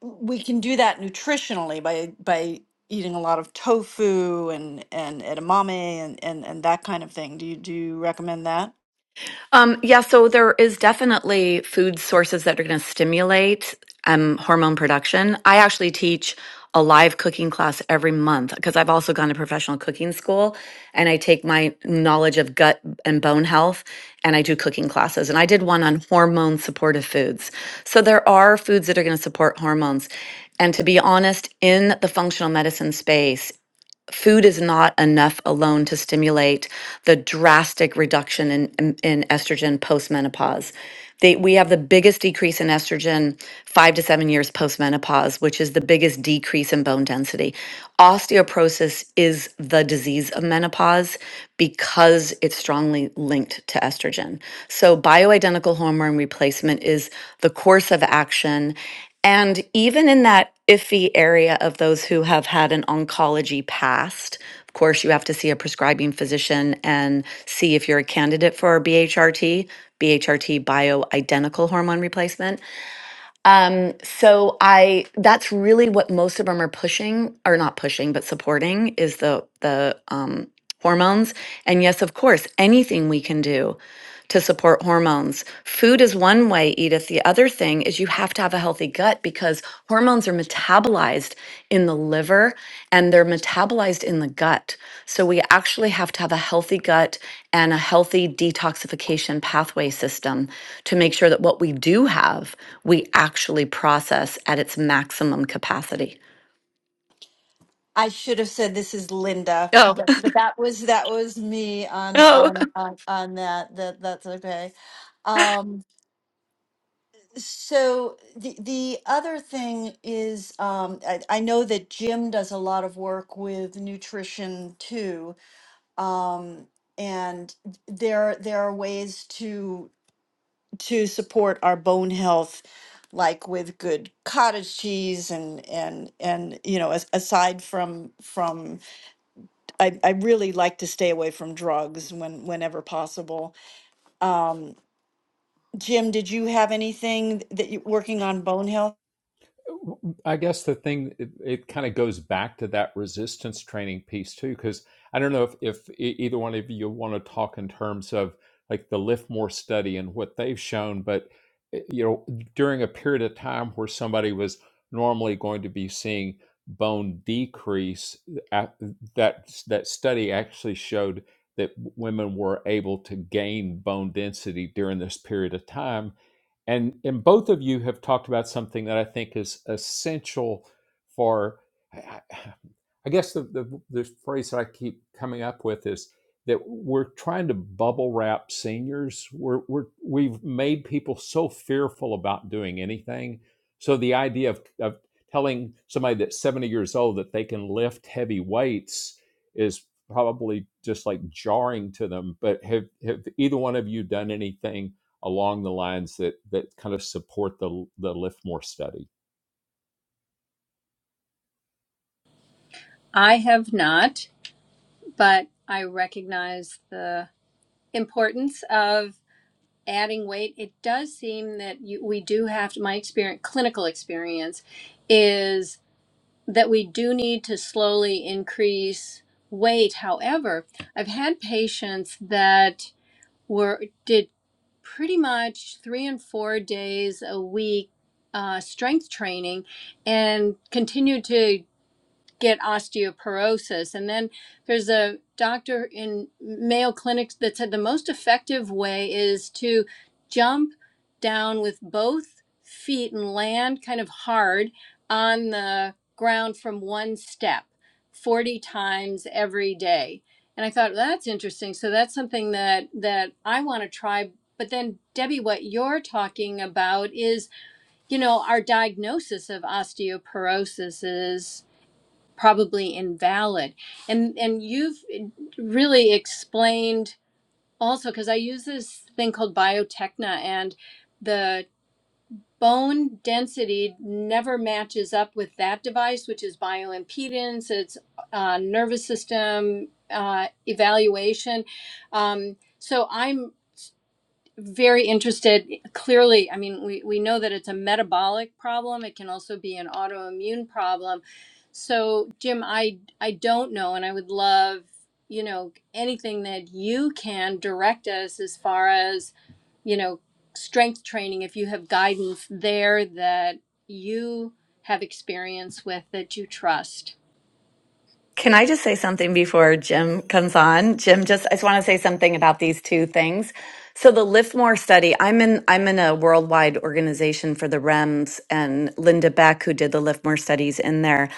Speaker 1: we can do that nutritionally by by eating a lot of tofu and and edamame and, and and that kind of thing. Do you do you recommend that?
Speaker 4: Um, yeah, so there is definitely food sources that are going to stimulate um, hormone production. I actually teach a live cooking class every month because I've also gone to professional cooking school and I take my knowledge of gut and bone health and I do cooking classes. And I did one on hormone supportive foods. So there are foods that are going to support hormones. And to be honest, in the functional medicine space, food is not enough alone to stimulate the drastic reduction in, in, in estrogen postmenopause. They, we have the biggest decrease in estrogen five to seven years postmenopause, which is the biggest decrease in bone density. Osteoporosis is the disease of menopause because it's strongly linked to estrogen. So, bioidentical hormone replacement is the course of action and even in that iffy area of those who have had an oncology past, of course, you have to see a prescribing physician and see if you're a candidate for B H R T, B H R T BHRT bioidentical hormone replacement. Um, so I that's really what most of them are pushing, or not pushing, but supporting is the the um, hormones. And yes, of course, anything we can do to support hormones. Food is one way, Edith. The other thing is you have to have a healthy gut because hormones are metabolized in the liver and they're metabolized in the gut. So we actually have to have a healthy gut and a healthy detoxification pathway system to make sure that what we do have we actually process at its maximum capacity.
Speaker 1: I should have said this is Linda,
Speaker 4: Oh,
Speaker 1: but, but that was that was me on
Speaker 4: oh.
Speaker 1: on on, on that. That that's okay. Um, so the the other thing is, um, I, I know that Jim does a lot of work with nutrition too, um, and there there are ways to to support our bone health. Like with good cottage cheese and and and you know as, aside from from I, I really like to stay away from drugs when whenever possible. Um, Jim, did you have anything that you working on bone health?
Speaker 5: I guess the thing it, it kind of goes back to that resistance training piece too, because I don't know if if e- either one of you want to talk in terms of like the Liftmore study and what they've shown, but eh, you know during a period of time where somebody was normally going to be seeing bone decrease, eh, at, that that study actually showed that women were able to gain bone density during this period of time and and both of you have talked about something that I think is essential for I I- guess the, the the phrase that I keep coming up with is that we're trying to bubble wrap seniors. We're we're we've made people so fearful about doing anything. So the idea of of telling somebody that's 70 years old that they can lift heavy weights is probably just like jarring to them. But have have either one of you done anything along the lines that that kind of support the the Lifmore study.
Speaker 2: I have not, but I recognize the importance of adding weight. It does seem that you, we do have to, my experience, clinical experience is that we do need to slowly increase weight. However, I've had patients that were did pretty much three and four days a week uh, strength training and continued to get osteoporosis. And then there's a doctor in Mayo Clinic that said the most effective way is to jump down with both feet and land kind of hard on the ground from one step 40 times every day. And I thought well, that's interesting. So that's something that that I want to try. But then Debbie what you're talking about is you know, our diagnosis of osteoporosis is probably invalid and and you've really explained also because i use this thing called biotechna and the bone density never matches up with that device which is bioimpedance it's uh, nervous system uh, evaluation um, so i'm very interested clearly i mean we, we know that it's a metabolic problem it can also be an autoimmune problem so jim i i don't know and i would love you know anything that you can direct us as far as you know strength training if you have guidance there that you have experience with that you trust
Speaker 4: Can I just say something before Jim comes on? Jim, just I just want to say something about these two things. So the Liftmore study, I'm in I'm in a worldwide organization for the REMS and Linda Beck, who did the Liftmore studies in there.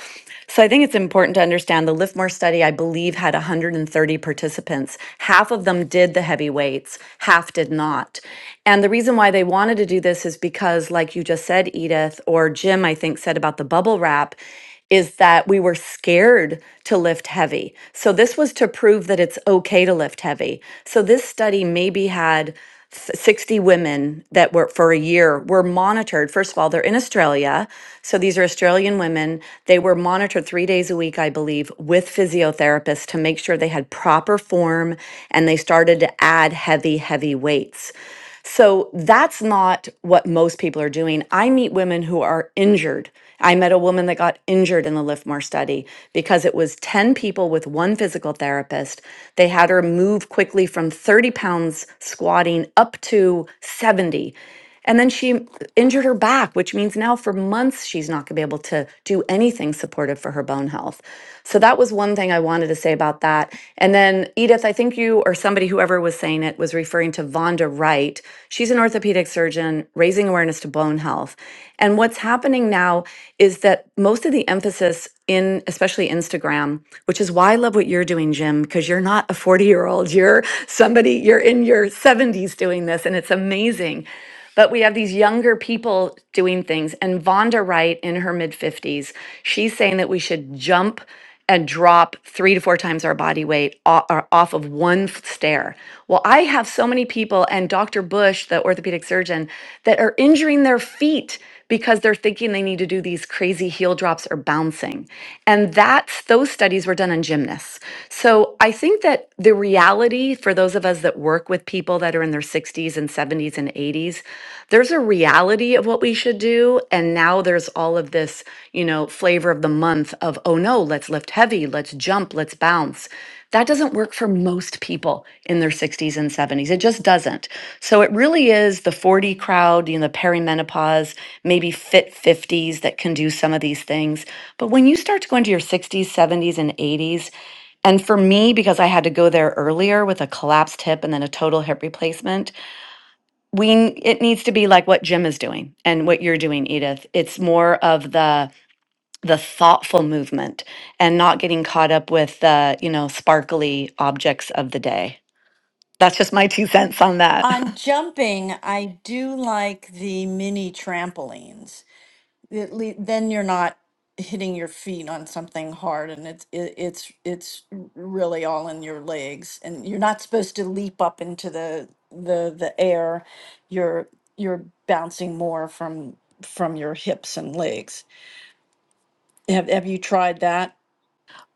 Speaker 4: So I think it's important to understand the Liftmore study, I believe, had 130 participants. Half of them did the heavy weights, half did not. And the reason why they wanted to do this is because, like you just said, Edith, or Jim, I think, said about the bubble wrap is that we were scared to lift heavy. So this was to prove that it's okay to lift heavy. So this study maybe had s- 60 women that were for a year were monitored. First of all, they're in Australia. So these are Australian women. They were monitored three days a week, I believe, with physiotherapists to make sure they had proper form and they started to add heavy, heavy weights. So that's not what most people are doing. I meet women who are injured. I met a woman that got injured in the Lifmore study because it was 10 people with one physical therapist. They had her move quickly from 30 pounds squatting up to 70. And then she injured her back, which means now for months she's not going to be able to do anything supportive for her bone health. So that was one thing I wanted to say about that. And then, Edith, I think you or somebody, whoever was saying it, was referring to Vonda Wright. She's an orthopedic surgeon raising awareness to bone health. And what's happening now is that most of the emphasis in especially Instagram, which is why I love what you're doing, Jim, because you're not a 40 year old. You're somebody, you're in your 70s doing this, and it's amazing but we have these younger people doing things. And Vonda Wright in her mid 50s, she's saying that we should jump and drop three to four times our body weight o- or off of one f- stair. Well, I have so many people, and Dr. Bush, the orthopedic surgeon, that are injuring their feet because they're thinking they need to do these crazy heel drops or bouncing. And that's those studies were done on gymnasts. So I think that the reality for those of us that work with people that are in their 60s and 70s and 80s, there's a reality of what we should do. And now there's all of this, you know, flavor of the month of, oh no, let's lift heavy, let's jump, let's bounce. That doesn't work for most people in their 60s and 70s. It just doesn't. So it really is the 40 crowd, you know, the perimenopause, maybe fit 50s that can do some of these things. But when you start to go into your 60s, 70s, and 80s, and for me, because I had to go there earlier with a collapsed hip and then a total hip replacement, we it needs to be like what Jim is doing and what you're doing, Edith. It's more of the the thoughtful movement and not getting caught up with the you know sparkly objects of the day that's just my two cents on that
Speaker 1: On jumping, I do like the mini trampolines. At lea- then you're not hitting your feet on something hard, and it's it, it's it's really all in your legs. And you're not supposed to leap up into the the the air. You're you're bouncing more from from your hips and legs. Have Have you tried that?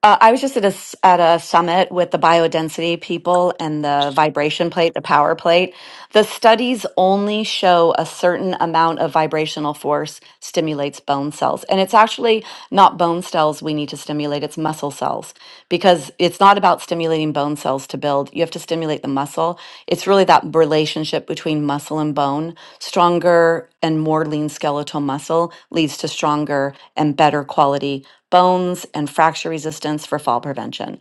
Speaker 4: uh, i was just at a s- at a summit with the biodensity people and the vibration plate the power plate The studies only show a certain amount of vibrational force stimulates bone cells. And it's actually not bone cells we need to stimulate, it's muscle cells because it's not about stimulating bone cells to build. You have to stimulate the muscle. It's really that relationship between muscle and bone. Stronger and more lean skeletal muscle leads to stronger and better quality bones and fracture resistance for fall prevention.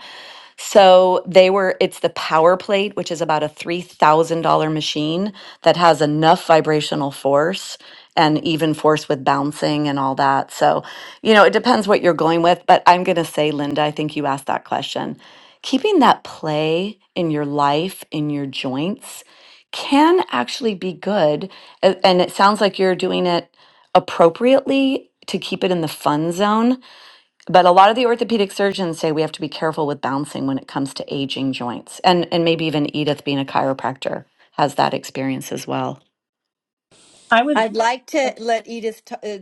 Speaker 4: So they were, it's the Power Plate, which is about a $3,000 machine that has enough vibrational force and even force with bouncing and all that. So, you know, it depends what you're going with. But I'm going to say, Linda, I think you asked that question. Keeping that play in your life, in your joints, can actually be good. a- And it sounds like you're doing it appropriately to keep it in the fun zone but a lot of the orthopedic surgeons say we have to be careful with bouncing when it comes to aging joints and and maybe even edith being a chiropractor has that experience as well
Speaker 2: i would
Speaker 1: I'd like to let Edith t- uh,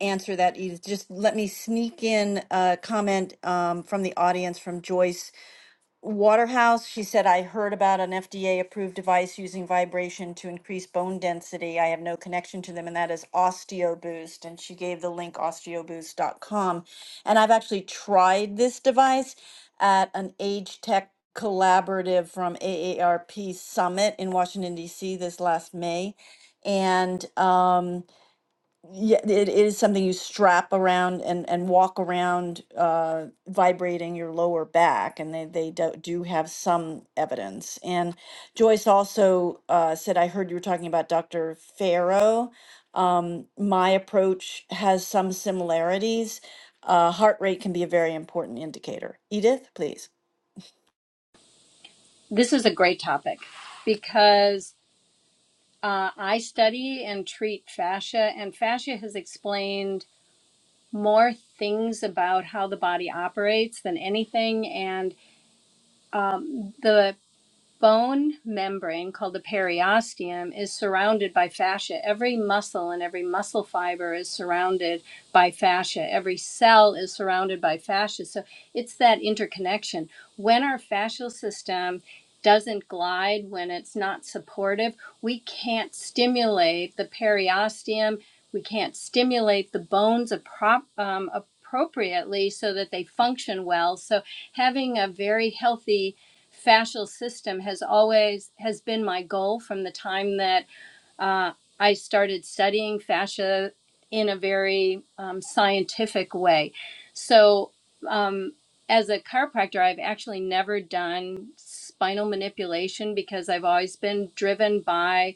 Speaker 1: answer that, Edith. Just let me sneak in a comment um, from the audience from Joyce. Waterhouse, she said, I heard about an FDA approved device using vibration to increase bone density. I have no connection to them, and that is OsteoBoost. And she gave the link osteoboost.com. And I've actually tried this device at an Age Tech collaborative from AARP Summit in Washington, D.C. this last May. And, um, yeah, it is something you strap around and, and walk around, uh, vibrating your lower back, and they, they do, do have some evidence. And Joyce also uh, said, I heard you were talking about Dr. Farrow. My approach has some similarities. Uh, heart rate can be a very important indicator. Edith, please.
Speaker 2: this is a great topic because Uh, I study and treat fascia, and fascia has explained more things about how the body operates than anything. And um, the bone membrane called the periosteum is surrounded by fascia. Every muscle and every muscle fiber is surrounded by fascia. Every cell is surrounded by fascia. So it's that interconnection. When our fascial system doesn't glide, when it's not supportive, we can't stimulate the periosteum. We can't stimulate the bones appro- um, appropriately so that they function well. So having a very healthy fascial system has always has been my goal from the time that uh, I started studying fascia in a very um, scientific way. So, um, as a chiropractor, I've actually never done spinal manipulation because I've always been driven by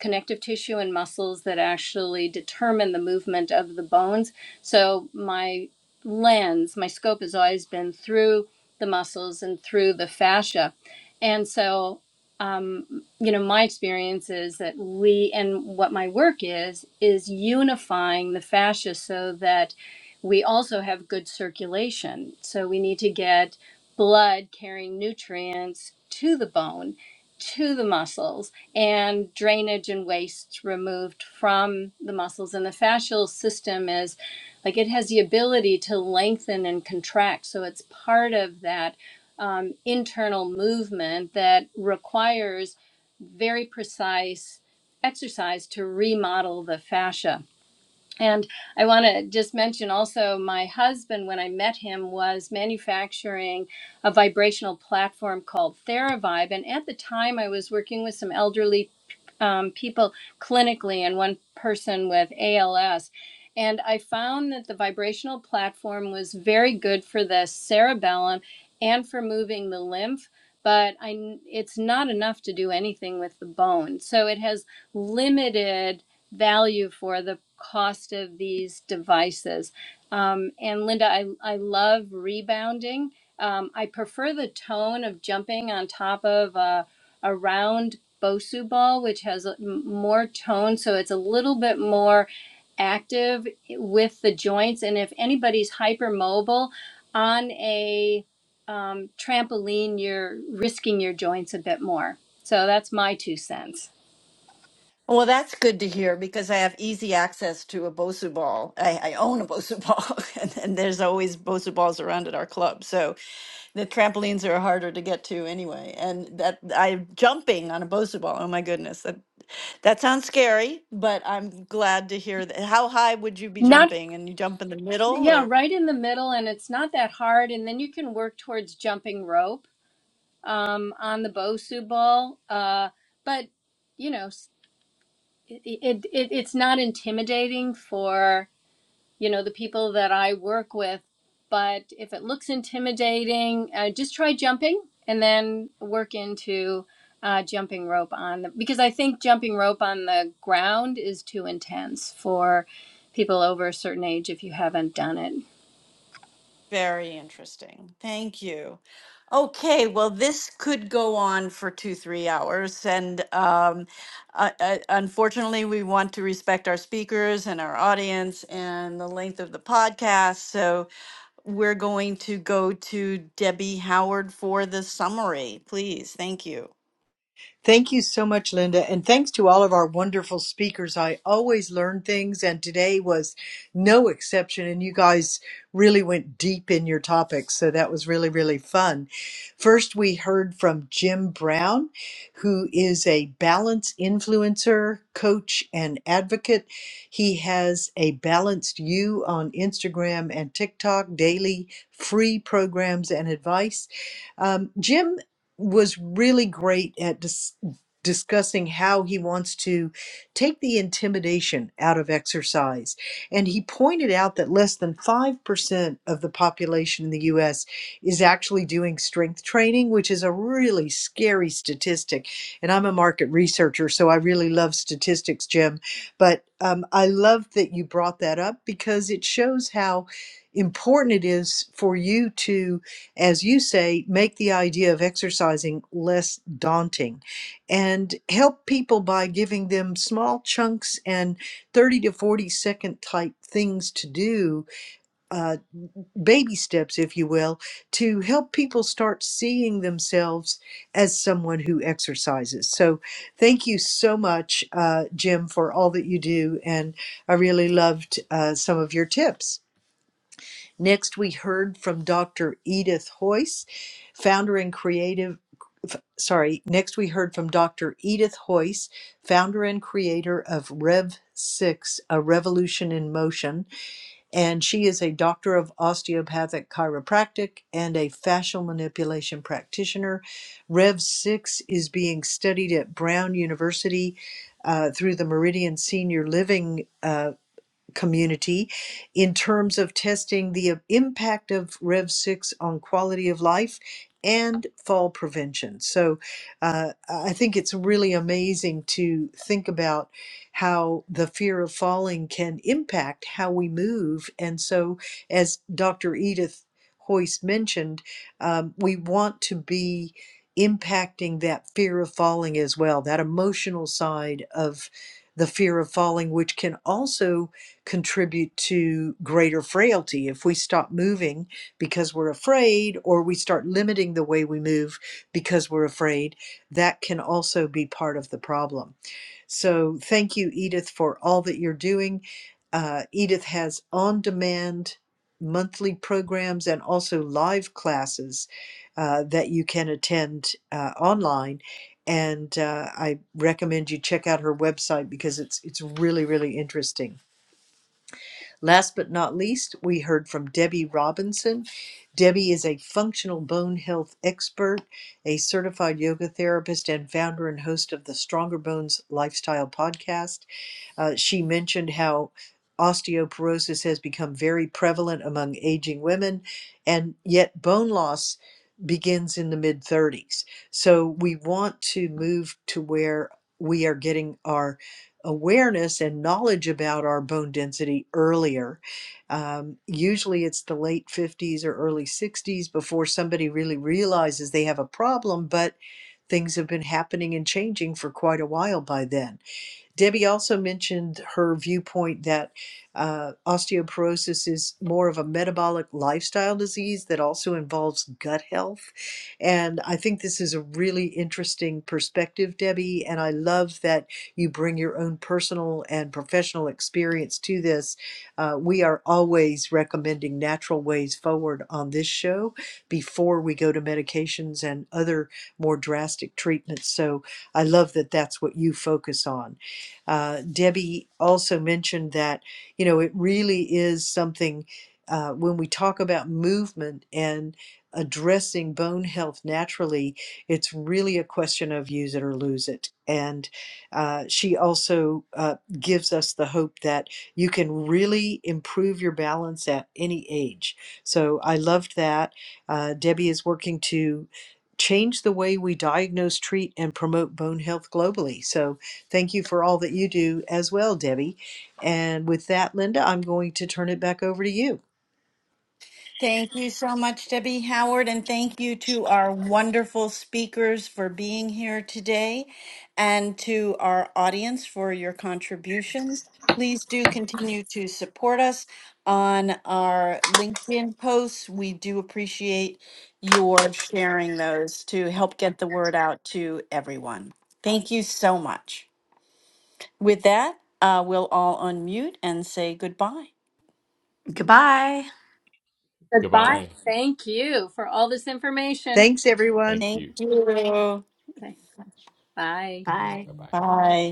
Speaker 2: connective tissue and muscles that actually determine the movement of the bones. So, my lens, my scope has always been through the muscles and through the fascia. And so um, you know, my experience is that we, and what my work is, is unifying the fascia so that we also have good circulation. So we need to get blood carrying nutrients to the bone, to the muscles, and drainage and waste removed from the muscles. And the fascial system is like it has the ability to lengthen and contract. So it's part of that um, internal movement that requires very precise exercise to remodel the fascia. And I want to just mention also my husband, when I met him, was manufacturing a vibrational platform called TheraVibe. And at the time, I was working with some elderly um, people clinically and one person with ALS. And I found that the vibrational platform was very good for the cerebellum and for moving the lymph, but i it's not enough to do anything with the bone. So it has limited value for the cost of these devices. Um, and Linda, I, I love rebounding. Um, I prefer the tone of jumping on top of a, a round Bosu ball, which has more tone, so it's a little bit more active with the joints. And if anybody's hypermobile on a um, trampoline, you're risking your joints a bit more. So that's my two cents.
Speaker 1: Well, that's good to hear because I have easy access to a Bosu ball. I, I own a Bosu ball, and, and there's always Bosu balls around at our club. So the trampolines are harder to get to anyway. And that I'm jumping on a Bosu ball. Oh my goodness, that that sounds scary, but I'm glad to hear that. How high would you be
Speaker 2: Not,
Speaker 1: jumping? And you jump in the middle, or?
Speaker 2: yeah, right in the middle, and it's not that hard. And then you can work towards jumping rope um, on the Bosu ball. Uh, but, you know, s- it, it, it, it's not intimidating for you know the people that i work with but if it looks intimidating uh, just try jumping and then work into uh, jumping rope on the because i think jumping rope on the ground is too intense for people over a certain age if you haven't done it
Speaker 1: Very interesting. Thank you. Okay, well, this could go on for two, three hours. And um, uh, uh, unfortunately, we want to respect our speakers and our audience and the length of the podcast. So we're going to go to Debbie Howard for the summary. Please, thank you.
Speaker 3: Thank you so much, Linda. And thanks to all of our wonderful speakers. I always learn things, and today was no exception. And you guys really went deep in your topics. So that was really, really fun. First, we heard from Jim Brown, who is a balance influencer, coach, and advocate. He has a Balanced You on Instagram and TikTok daily free programs and advice. Um, Jim was really great at dis- discussing how he wants to take the intimidation out of exercise. And he pointed out that less than 5% of the population in the US is actually doing strength training, which is a really scary statistic. And I'm a market researcher, so I really love statistics, Jim. But um, I love that you brought that up because it shows how important it is for you to, as you say, make the idea of exercising less daunting and help people by giving them small chunks and 30 to 40 second type things to do, uh, baby steps, if you will, to help people start seeing themselves as someone who exercises. So, thank you so much, uh, Jim, for all that you do. And I really loved uh, some of your tips. Next, we heard from Dr. Edith Hoyce, founder and creative. f- Sorry, next we heard from Dr. Edith Hoyce, founder and creator of Rev 6, A Revolution in Motion. And she is a doctor of osteopathic chiropractic and a fascial manipulation practitioner. Rev 6 is being studied at Brown University uh, through the Meridian Senior Living uh, community in terms of testing the uh, impact of Rev 6 on quality of life and fall prevention. So uh, I think it's really amazing to think about how the fear of falling can impact how we move. And so, as Dr. Edith Hoyce mentioned, um, we want to be impacting that fear of falling as well, that emotional side of the fear of falling, which can also contribute to greater frailty if we stop moving because we're afraid or we start limiting the way we move because we're afraid that can also be part of the problem so thank you edith for all that you're doing uh, edith has on demand monthly programs and also live classes uh, that you can attend uh, online and uh, i recommend you check out her website because it's it's really really interesting Last but not least, we heard from Debbie Robinson. Debbie is a functional bone health expert, a certified yoga therapist, and founder and host of the Stronger Bones Lifestyle podcast. Uh, she mentioned how osteoporosis has become very prevalent among aging women, and yet bone loss begins in the mid 30s. So we want to move to where we are getting our awareness and knowledge about our bone density earlier. Um, usually it's the late 50s or early 60s before somebody really realizes they have a problem, but things have been happening and changing for quite a while by then. Debbie also mentioned her viewpoint that uh, osteoporosis is more of a metabolic lifestyle disease that also involves gut health. And I think this is a really interesting perspective, Debbie. And I love that you bring your own personal and professional experience to this. Uh, we are always recommending natural ways forward on this show before we go to medications and other more drastic treatments. So I love that that's what you focus on. Uh, Debbie also mentioned that, you know, it really is something uh, when we talk about movement and addressing bone health naturally, it's really a question of use it or lose it. And uh, she also uh, gives us the hope that you can really improve your balance at any age. So I loved that. Uh, Debbie is working to change the way we diagnose, treat, and promote bone health globally. So Thank you for all that you do as well, Debbie. And with that, Linda, I'm going to turn it back over to you.
Speaker 1: Thank you so much, Debbie Howard, and thank you to our wonderful speakers for being here today and to our audience for your contributions. Please do continue to support us on our LinkedIn posts. We do appreciate your sharing those to help get the word out to everyone. Thank you so much. With that, uh, we'll all unmute and say goodbye.
Speaker 4: goodbye
Speaker 2: goodbye
Speaker 5: Goodbye.
Speaker 2: thank you for all this information
Speaker 3: Thanks, everyone.
Speaker 5: Thank
Speaker 1: Thank
Speaker 5: you.
Speaker 1: you.
Speaker 2: okay bye
Speaker 4: Bye.
Speaker 5: Bye bye.
Speaker 1: Bye.